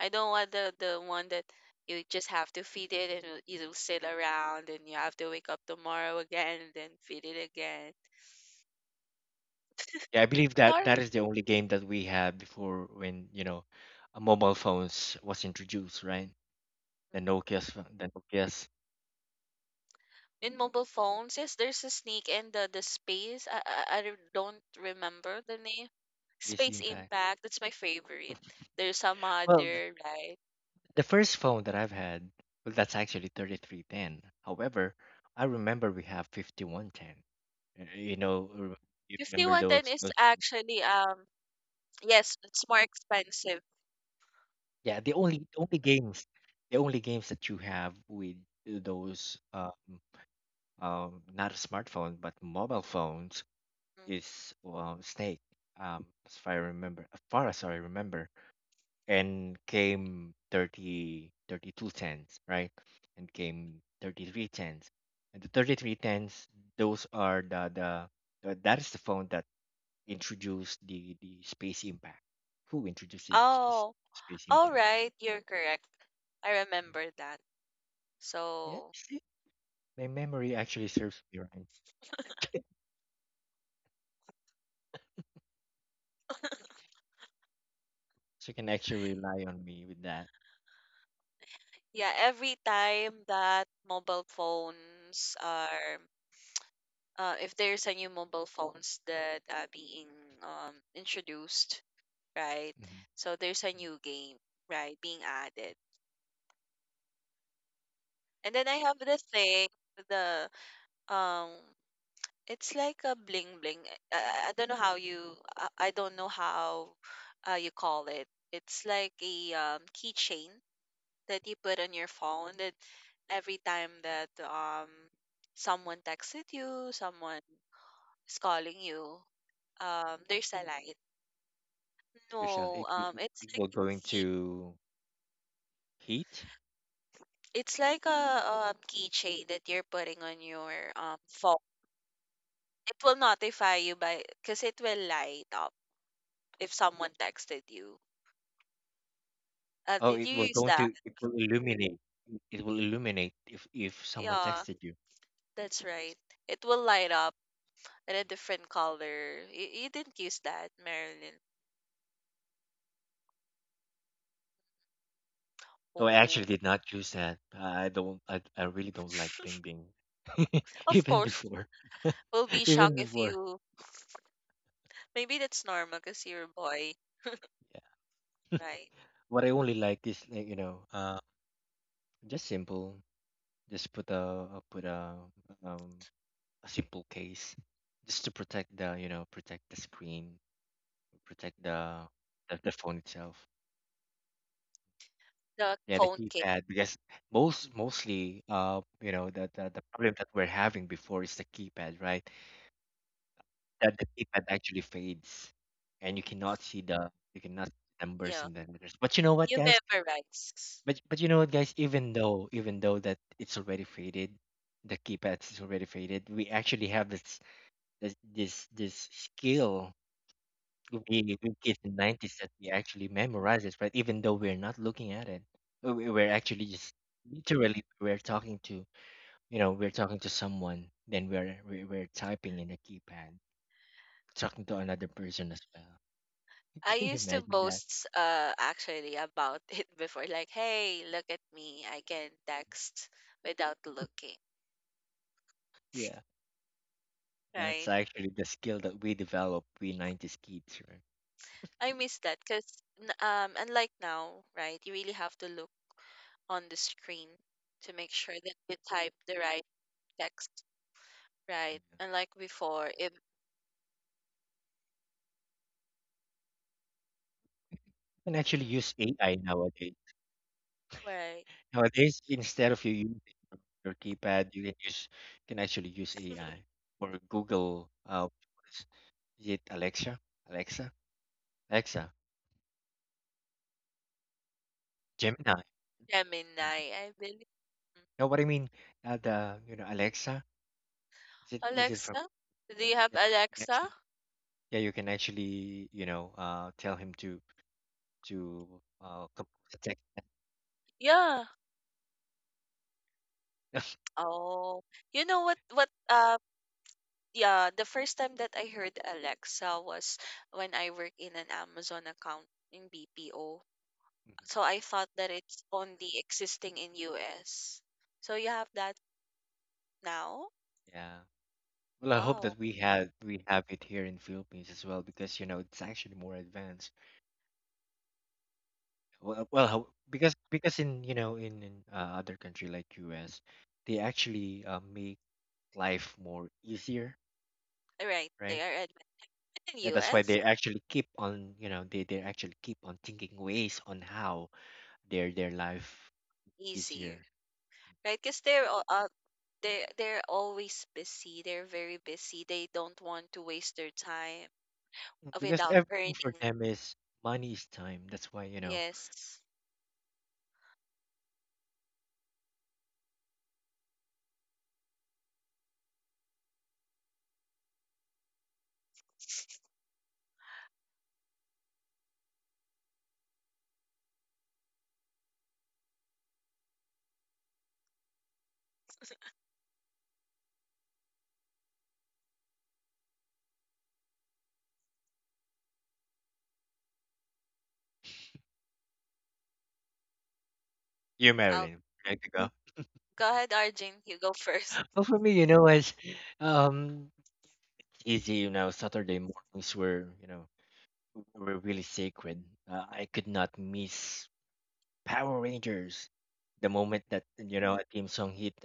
S2: I don't want the one that you just have to feed it and it'll sit around and you have to wake up tomorrow again and then feed it again.
S1: Yeah, I believe that that
S2: Sorry.
S1: is the only game that we had before when you know, mobile phones was introduced, right? The Nokia's the Nokia's
S2: In mobile phones, yes, there's a sneak and the space. I don't remember the name.
S1: biggest
S2: Space
S1: impact.
S2: Impact. That's my favorite. There's some
S1: Well,
S2: other right.
S1: the first phone that I've had, well, that's actually 3310. However, I remember we have 5110. You know, you
S2: Fifty
S1: remember
S2: one ten
S1: those,
S2: is
S1: those?
S2: actually yes, it's more expensive.
S1: Yeah, the only the only games that you have with those not a smartphone but mobile phones
S2: Mm.
S1: is, well, Snake. As far I remember, as far as I remember, and came 30 32 cents, right, and came 33 cents, and the 33 cents those are that is the phone that introduced the space impact, who introduced the space,
S2: Oh,
S1: space
S2: all
S1: impact.
S2: right. You're correct. I
S1: Yeah,
S2: remember that.
S1: yeah,
S2: So
S1: see, my memory actually serves me right, so you can actually rely on me with that.
S2: yeah, every time that mobile phones are, if there's a new mobile phones that are being introduced, right?
S1: Mm-hmm.
S2: So there's a new game, right, being added. And then I have the thing, the um, it's like a bling bling. I don't know how you, I don't know how you call it. It's like a keychain that you put on your phone that every time that someone texted you, someone is calling you, there's a light.
S1: Yourself
S2: No, it's
S1: it
S2: like
S1: will go
S2: a key
S1: into heat.
S2: it's like a, keychain that you're putting on your phone. It will notify you by because it will light up if someone texted you.
S1: Oh,
S2: Did
S1: it
S2: you
S1: will
S2: use
S1: going
S2: that?
S1: to, it will illuminate. It will illuminate if someone
S2: Yeah,
S1: texted you.
S2: that's
S1: Okay.
S2: right. It will light up in a different color. You didn't use that, Marilyn.
S1: No, I actually
S2: Oh.
S1: did not use that. I don't. I really don't like Bing Bing.
S2: Of
S1: Even
S2: course,
S1: before,
S2: we'll be
S1: even
S2: shocked if
S1: before.
S2: you maybe that's normal because you're a boy,
S1: Yeah.
S2: right?
S1: What I only like is like you know, just simple. Just put a put um a simple case, just to protect the you know, protect the screen, protect the the phone itself.
S2: The
S1: Yeah, the
S2: phone case,
S1: keypad because most mostly you know the, the problem that we're having before is the keypad, right? That the keypad actually fades and you cannot see the you cannot see the numbers
S2: yeah.
S1: and then letters. But you know what,
S2: You
S1: guys?
S2: memorize.
S1: But you know what, guys, even though that it's already faded, the keypad is already faded, we actually have this this skill. We kids in nineties that we actually memorize it, right? Even though we're not looking at it, we're actually just literally we're talking to you know, we're talking to someone, then we're typing in a keypad, talking to another person as well.
S2: I
S1: Can you
S2: used to
S1: imagine that?
S2: boast actually about it before, like, hey, look at me, I can text without looking,
S1: Yeah, that's
S2: right?
S1: actually the skill that we develop, we nineties kids, right?
S2: I miss that because unlike now, right, you really have to look on the screen to make sure that you type the right text, right?
S1: Yeah.
S2: Unlike before, if
S1: You can actually
S2: mm,
S1: use AI nowadays.
S2: right
S1: Nowadays, instead of you using your keypad, you can use you can actually use AI or Google. What is is it Alexa? Alexa? Alexa? Gemini? And you
S2: Gemini, I believe.
S1: what I mean? The you know Alexa. Is it from?
S2: Alexa? Do you have
S1: Yeah, you can
S2: Alexa?
S1: actually, yeah, you can actually tell him to compose a text.
S2: Yeah. Oh, you know what? What? Yeah. The first time that I heard Alexa was when I worked in an Amazon account in BPO.
S1: Mhm.
S2: So I thought that it's only existing in US. So you have that now?
S1: Yeah. Well, I hope
S2: Wow.
S1: that we have it here in Philippines as well because you know it's actually more advanced. Because in other country like U.S., they actually make life more easier,
S2: All right. They
S1: right?
S2: are admin in
S1: And that's why
S2: US.
S1: they actually keep on you know they actually keep on thinking ways on how their life
S2: Easy.
S1: easier.
S2: Right? Because they're all they're always busy. They're very busy. They don't want to waste their time
S1: Because
S2: without
S1: everything
S2: earning.
S1: for them is money is time. That's why you know
S2: Yes,
S1: you
S2: I'll
S1: Marilyn, right to go.
S2: go ahead, Arjun. You go first.
S1: Well, for me, you know, as um, it's easy, you know, Saturday mornings were were really sacred. I could not miss Power Rangers. The moment that you know a theme song hit,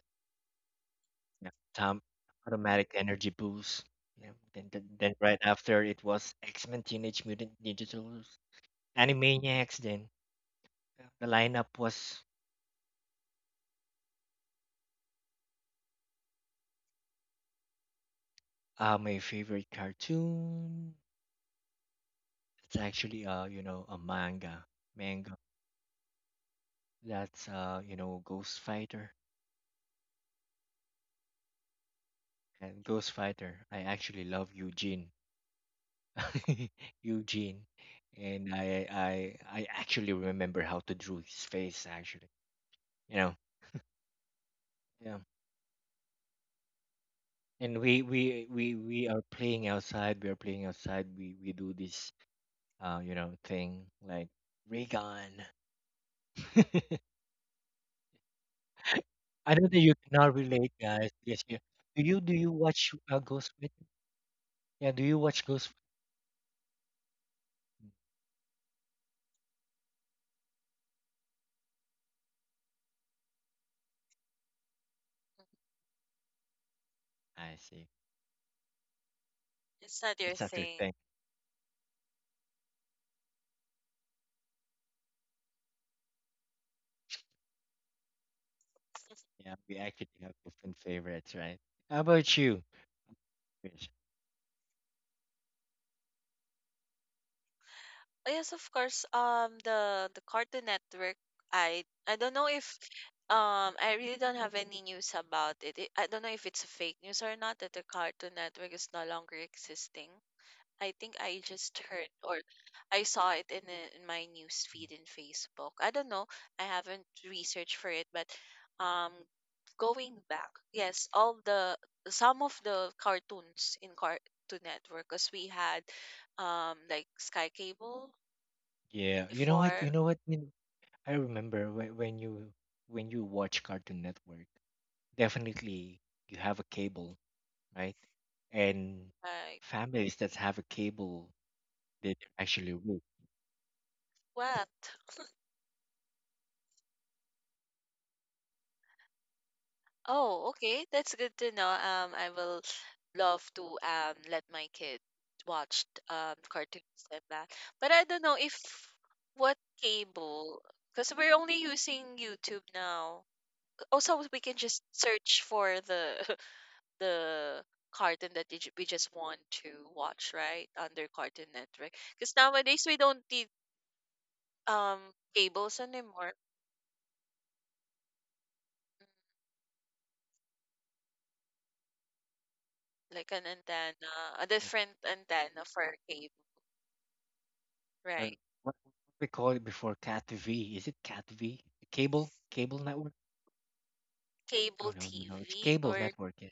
S1: yeah, Tom automatic energy boost. Yeah, then right after it was X Men, Teenage Mutant Ninja Turtles, Animaniacs. Then yeah, the lineup was my favorite cartoon. It's actually a manga that's Ghost Fighter. And Ghost Fighter, I actually love Eugene. Eugene, and I actually remember how to drew his face actually. You know, yeah. And we are playing outside. We are playing outside. We do this thing like Regan. I know that you cannot relate, guys. Yes, you watch Ghost Writer? Yeah, do you watch Ghost? I see.
S2: It's not your
S1: It's not your
S2: thing.
S1: thing. Yeah, we actually have different favorites, right? How about you, Chris?
S2: Oh, yes, of course. The Cartoon Network. I don't know if I really don't have any news about it. I don't know if it's a fake news or not that the Cartoon Network is no longer existing. I think I just heard or I saw it in a, in my news feed in Facebook. I don't know. I haven't researched for it, but um, going back, yes, all the some of the cartoons in Cartoon Network, because we had like Sky Cable
S1: Yeah, you know what?
S2: before,
S1: You know what? I remember when, when you watch Cartoon Network, definitely you have a cable, right? And
S2: like
S1: families that have a cable, they are actually rich.
S2: what? Oh, okay. That's good to know. I will love to let my kid watch cartoons and that. But I don't know if what cable, because we're only using YouTube now. Also, we can just search for the the cartoon that we just want to watch, right? Under Cartoon Network. Because nowadays we don't need um cables anymore. Mm, like an antenna, a different antenna for cable,
S1: Uh,
S2: right?
S1: what we call it before? Cat V? Is it Cat V? Cable cable network? Oh,
S2: Cable
S1: no, no, no, it's
S2: TV
S1: cable
S2: or
S1: network. Yeah.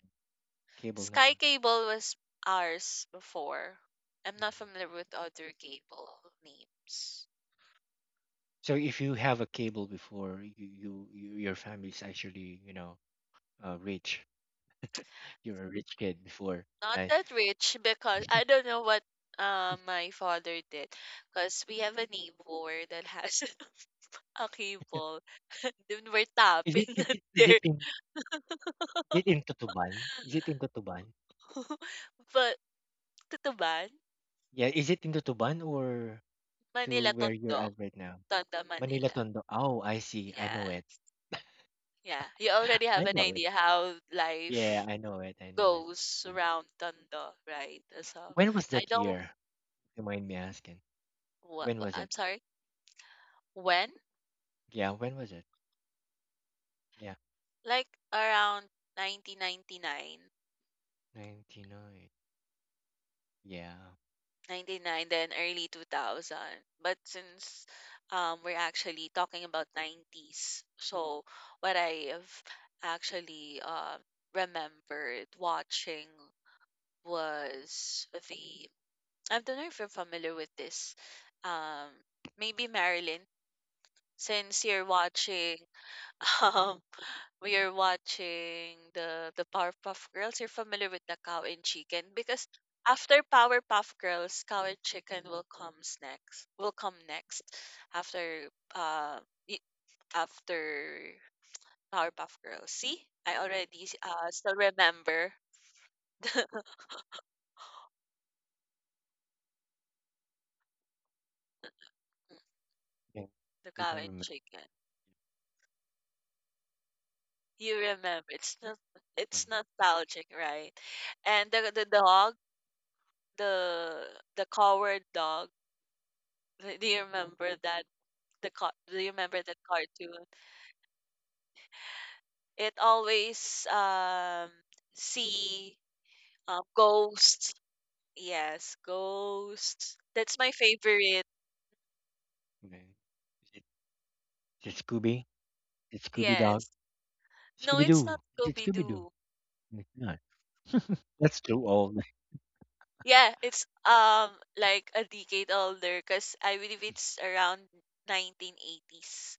S1: Cable
S2: Sky
S1: network.
S2: Cable was ours before. I'm
S1: Mhm.
S2: not familiar with other cable names.
S1: So if you have a cable before, you, your family's actually rich. You're a rich kid before,
S2: Not
S1: right?
S2: that rich because I don't know what my father did because we have a neighbor that has a cable then we're
S1: Is it
S2: tapping
S1: is
S2: at
S1: it
S2: their
S1: is it in Tutuban? Is it in Tutuban?
S2: but Tutuban,
S1: Yeah, is it in Tutuban or to
S2: Manila
S1: where you're
S2: Tondo,
S1: at right now?
S2: Tondo
S1: Manila
S2: Manila.
S1: Tondo. Oh, I see. I
S2: Yeah.
S1: know it.
S2: Yeah. You already
S1: I
S2: have an
S1: know it.
S2: idea how life
S1: Yeah, I know it. I know it.
S2: goes
S1: Yeah.
S2: around Tondo, right? So
S1: When was
S2: I
S1: that
S2: don't.
S1: year? If you mind me asking.
S2: What,
S1: When was it?
S2: I'm sorry. When?
S1: Yeah, when was it? Yeah,
S2: Like around 1999, 99,
S1: 99. Yeah.
S2: ninety-nine, then early 2000. But since we're actually talking about 90s, so what I have actually remembered watching was the. I don't know if you're familiar with this. Um, maybe Marilyn, since you're watching. um we are watching the Powerpuff Girls. You're familiar with the Cow and Chicken because after Powerpuff Girls, Cow and Chicken will comes next. Will come next after uh y- after Powerpuff Girls. See, still remember
S1: Yeah.
S2: the
S1: You
S2: Cow
S1: don't
S2: and
S1: remember.
S2: Chicken. You remember it's not
S1: um,
S2: it's nostalgic, right? And the dog, the coward dog. Do you remember that the car do you remember that cartoon? It always see ghosts. Yes, ghosts. That's my favorite.
S1: Okay. Is it, is it Scooby? Is it Scooby Dog?
S2: Yes. No,
S1: Scooby
S2: it's not
S1: Doo. Is it
S2: Scooby
S1: Scooby Doo?
S2: Doo.
S1: It's not. That's too old.
S2: Yeah, it's like a decade older because I believe it's around 1980s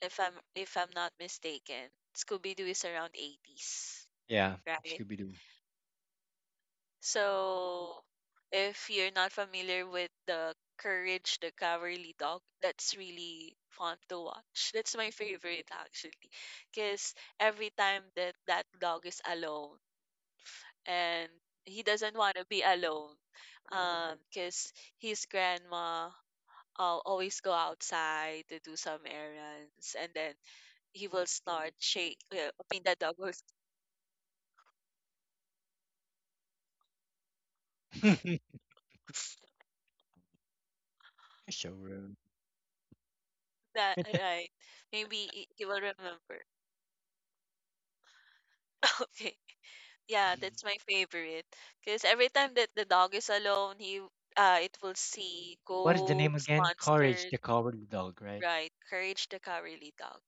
S2: if I'm not mistaken. Scooby Doo is around 80s,
S1: Yeah,
S2: right?
S1: Scooby Doo.
S2: So, if you're not familiar with the Courage the Cowardly Dog, that's really fun to watch. That's my favorite actually, because every time that that dog is alone and he doesn't want to be alone, because his grandma always go outside to do some errands, and then he will start shake. I mean, the dog will
S1: So rude.
S2: that right? Maybe he will remember. Okay. Yeah, that's my favorite. Because every time that the dog is alone, he it will see
S1: What is the name
S2: ghosts,
S1: again? Courage
S2: monsters,
S1: the Cowardly Dog, right?
S2: right? Courage the Cowardly Dog.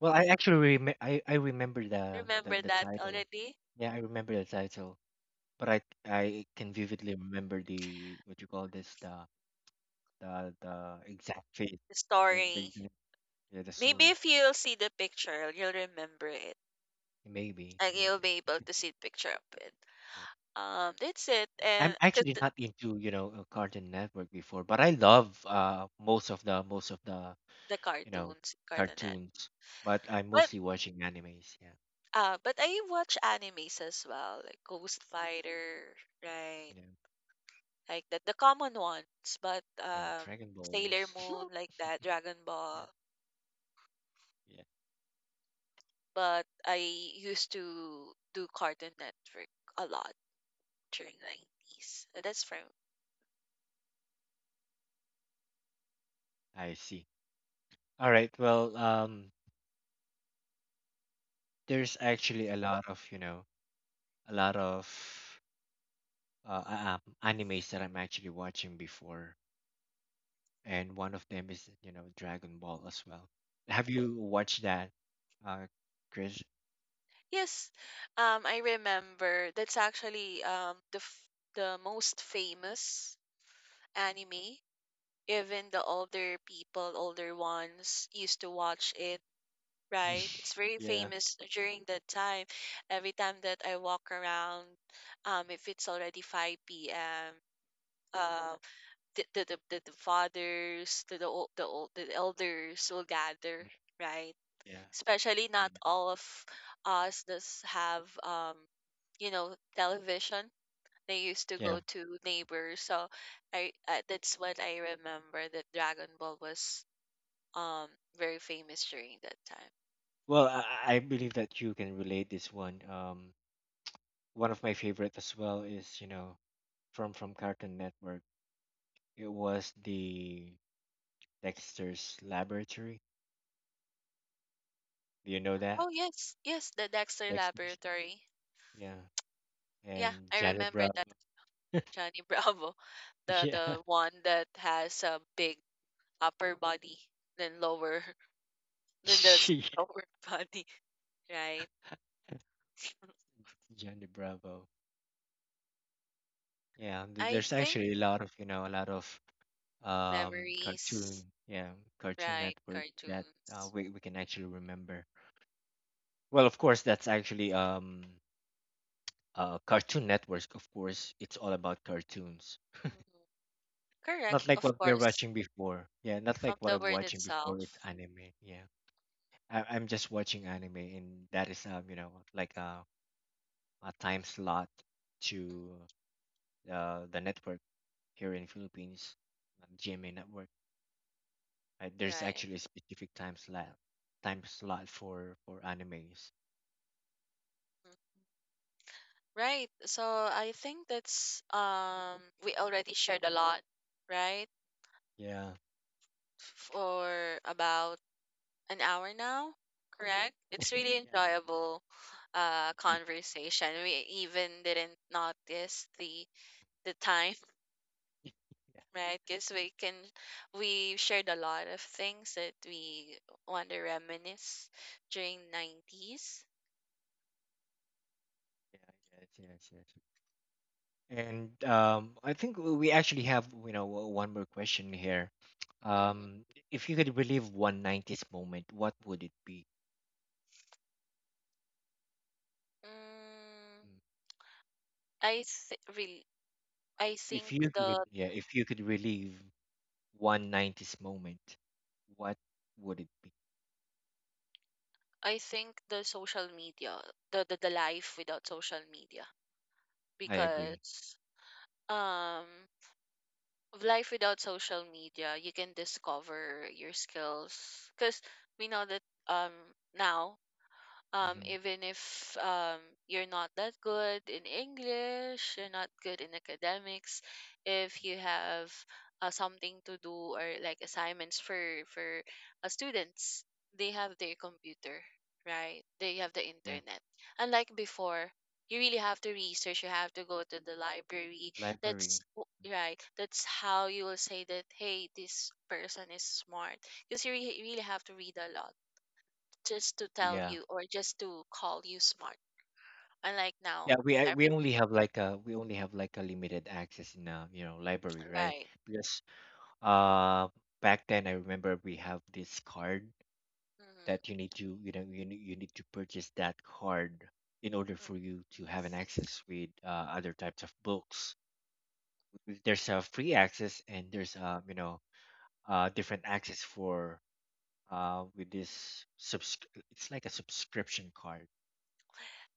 S1: Well, I actually I remember the, the
S2: Remember
S1: the
S2: that
S1: title.
S2: already?
S1: Yeah, I remember the title, but I can vividly remember the what you call this the exact fate,
S2: The
S1: the the,
S2: story.
S1: exact- yeah, the
S2: Maybe
S1: story.
S2: if you'll see the picture, you'll remember it,
S1: Maybe,
S2: and you'll
S1: maybe.
S2: be able to see the picture of it.
S1: Yeah.
S2: That's it.
S1: I'm
S2: And cause
S1: actually not into Cartoon Network before, but I love most of the
S2: the
S1: you know
S2: cartoons, cartoonette.
S1: cartoons. But I'm
S2: But
S1: mostly watching animes. Yeah.
S2: but I watch animes as well, like Ghost Fighter, right?
S1: Yeah,
S2: Like that. The common ones, but
S1: yeah, Dragon Ball.
S2: Sailor Moon, like that, Dragon
S1: Yeah,
S2: Ball.
S1: yeah,
S2: But I used to do Cartoon Network a lot during 90s. That's from
S1: I see. All right. Well, there's actually a lot of, you know, a lot of
S2: Mhm.
S1: animes that I'm actually watching before, and one of them is, you know, Dragon Ball as well. Have you watched that, uh, Chris?
S2: Yes, I remember. That's actually the most famous anime. Even the older people, older ones, used to watch it right? It's very
S1: Yeah,
S2: famous during that time. Every time that I walk around, if it's already 5 p.m., uh, the fathers, the elders will gather, right?
S1: yeah,
S2: Especially not
S1: yeah,
S2: all of us does have, you know, television. They used to
S1: yeah.
S2: go to neighbors. So I, that's what I remember that Dragon Ball was um, very famous during that time.
S1: Well, I I believe that you can relate this one. One of my favorite as well is, you know, from Cartoon Network. It was the Dexter's Laboratory. Do you know that?
S2: Oh, yes. Yes, the Dexter
S1: Dexter's?
S2: Laboratory.
S1: Yeah.
S2: Yeah,
S1: And
S2: I
S1: Johnny
S2: remember
S1: Bravo.
S2: that Johnny Bravo,
S1: Yeah.
S2: the one that has a big upper body then lower then the small
S1: Yes,
S2: lower body, right?
S1: Johnny Bravo. Yeah, th-
S2: I
S1: there's
S2: think
S1: actually a lot of, you know, a lot of cartoon,
S2: memories,
S1: yeah, Cartoon
S2: right?
S1: Network that uh,
S2: Cartoons.
S1: we we can actually remember. Well, of course, that's actually Cartoon Network, of course, it's all about cartoons.
S2: Mhm. Correct,
S1: Not like
S2: of
S1: what we are
S2: course,
S1: watching before. Yeah, not like
S2: from
S1: what
S2: the
S1: I'm
S2: word
S1: watching before, it's
S2: itself.
S1: anime. Yeah. I'm just watching anime, and that is you know, like a time slot to
S2: Mhm,
S1: the network here in Philippines, GMA network. There's
S2: right.
S1: actually a specific time slot, for animes.
S2: mhm. Right. So I think that's we already shared a lot, right?
S1: Yeah,
S2: For about an hour now, correct? It's really
S1: yeah,
S2: enjoyable
S1: like-
S2: conversation. We even didn't notice the time,
S1: yeah,
S2: right? Because we shared a lot of things that we want to reminisce during 90s.
S1: yeah, yes, yes, yes. And I think we actually have you know one more question here. Um,
S2: Mm-hmm.
S1: if you could relive one nineties moment, what would it be?
S2: Mm,
S1: Mm.
S2: really I
S1: If
S2: think
S1: you could,
S2: the
S1: yeah, if you could relive one nineties moment, what would it be?
S2: I think the social media, the, the life without social media
S1: I agree.
S2: because um of life without social media, you can discover your skills because we know that um now
S1: Hmm.
S2: even if you're not that good in English, you're not good in academics, if you have something to do or like assignments for students, they have their computer, right? They have the
S1: Yeah,
S2: internet. Unlike before, you really have to research. You have to go to the library. That's
S1: library.
S2: right. That's how you will say that hey, this person is smart because you really have to read a lot just to tell
S1: Yeah,
S2: you or just to call you smart. Unlike now,
S1: yeah. We
S2: every
S1: only have like a we only have like a limited access in a library, right?
S2: right.
S1: Because uh back then I remember we have this card that
S2: Mm-hmm.
S1: you need to purchase that card in order for you to have an access with other types of books. There's a free access and there's a different access for with this it's like a subscription card.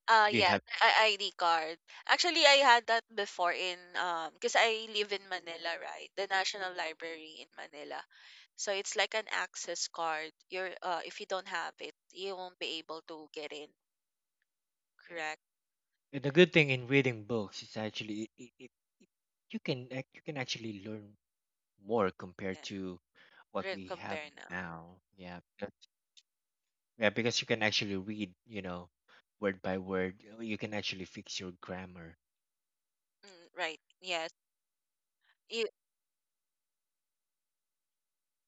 S1: Do you
S2: Yeah,
S1: have?
S2: ID card. Actually, I had that before in because I live in Manila, right? The National Library in Manila. So it's like an access card. You're if you don't have it, you won't be able to get in.
S1: Yeah.
S2: Correct?
S1: And the good thing in reading books is actually it, it, it you can you can actually learn more compared
S2: Yeah.
S1: to what
S2: Re-
S1: we have
S2: Compare now.
S1: now. Yeah. Yeah, because you can actually read, you know, word by word. You can actually fix your grammar.
S2: Mm, right. Yes. You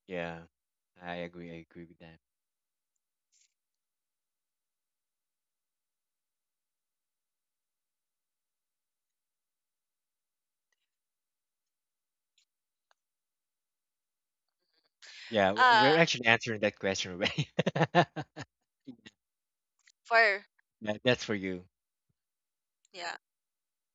S1: Yeah. I agree. I agree with that. Yeah, we're
S2: uh
S1: actually answering that question already.
S2: for
S1: Yeah, that's for you.
S2: yeah.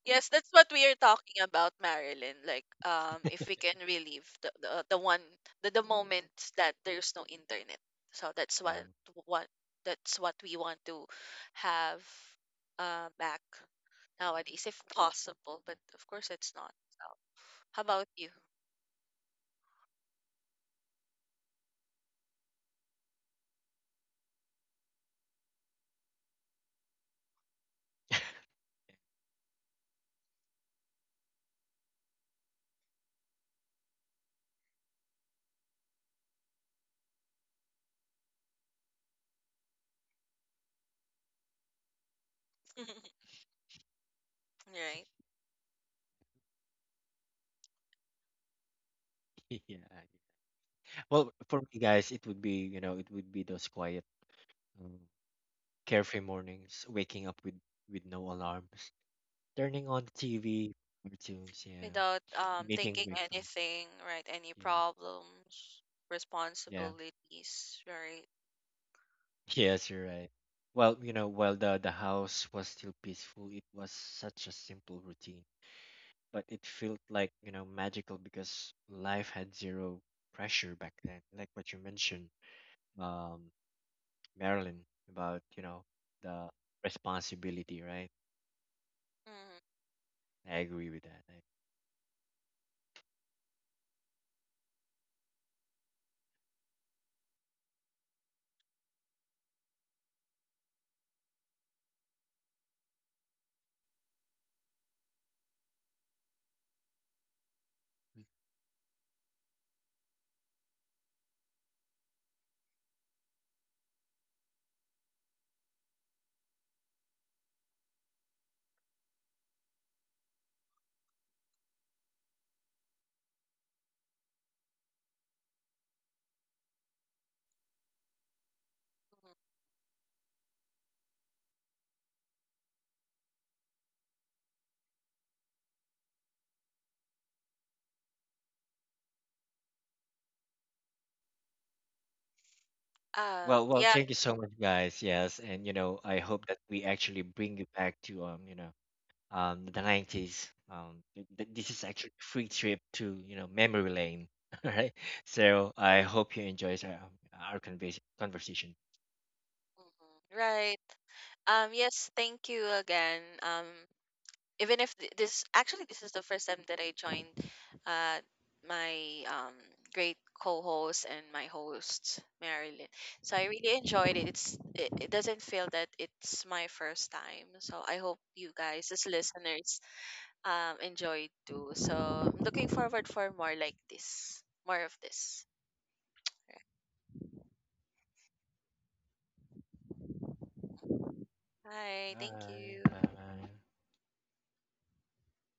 S2: Yes, that's what we are talking about, Marilyn. Like, if we can relive the one the moments that there's no internet. So that's
S1: Yeah.
S2: what that's what we want to have back nowadays, if possible. But of course, it's not. So, how about you? right?
S1: Yeah. Well, for me, guys, it would be, you know, it would be those quiet, um, carefree mornings, waking up with no alarms, turning on the TV, cartoons, yeah,
S2: Without
S1: and eating
S2: thinking
S1: breakfast.
S2: anything, right? Any
S1: You know,
S2: problems,
S1: yeah,
S2: responsibilities, right?
S1: yes, you're right. Well, you know, while the house was still peaceful, it was such a simple routine, but it felt like, you know, magical because life had zero pressure back then. Like what you mentioned, um, Marilyn, about, you know, the responsibility, right?
S2: Mhm,
S1: I agree with that.
S2: mhm.
S1: Well, well,
S2: Yeah,
S1: thank you so much, guys. Yes, and you know, I hope that we actually bring you back to the 90s. This is actually a free trip to memory lane. All right. So I hope you enjoy our conversation.
S2: mhm, right. Yes, thank you again. Even if this actually this is the first time that I joined uh my great co-host and my host Marilyn. So I really enjoyed it. It doesn't feel that it's my first time. So I hope you guys as listeners enjoyed too. So I'm looking forward for more like this. More of this. Hi, thank
S1: Bye.
S2: you.
S1: Bye.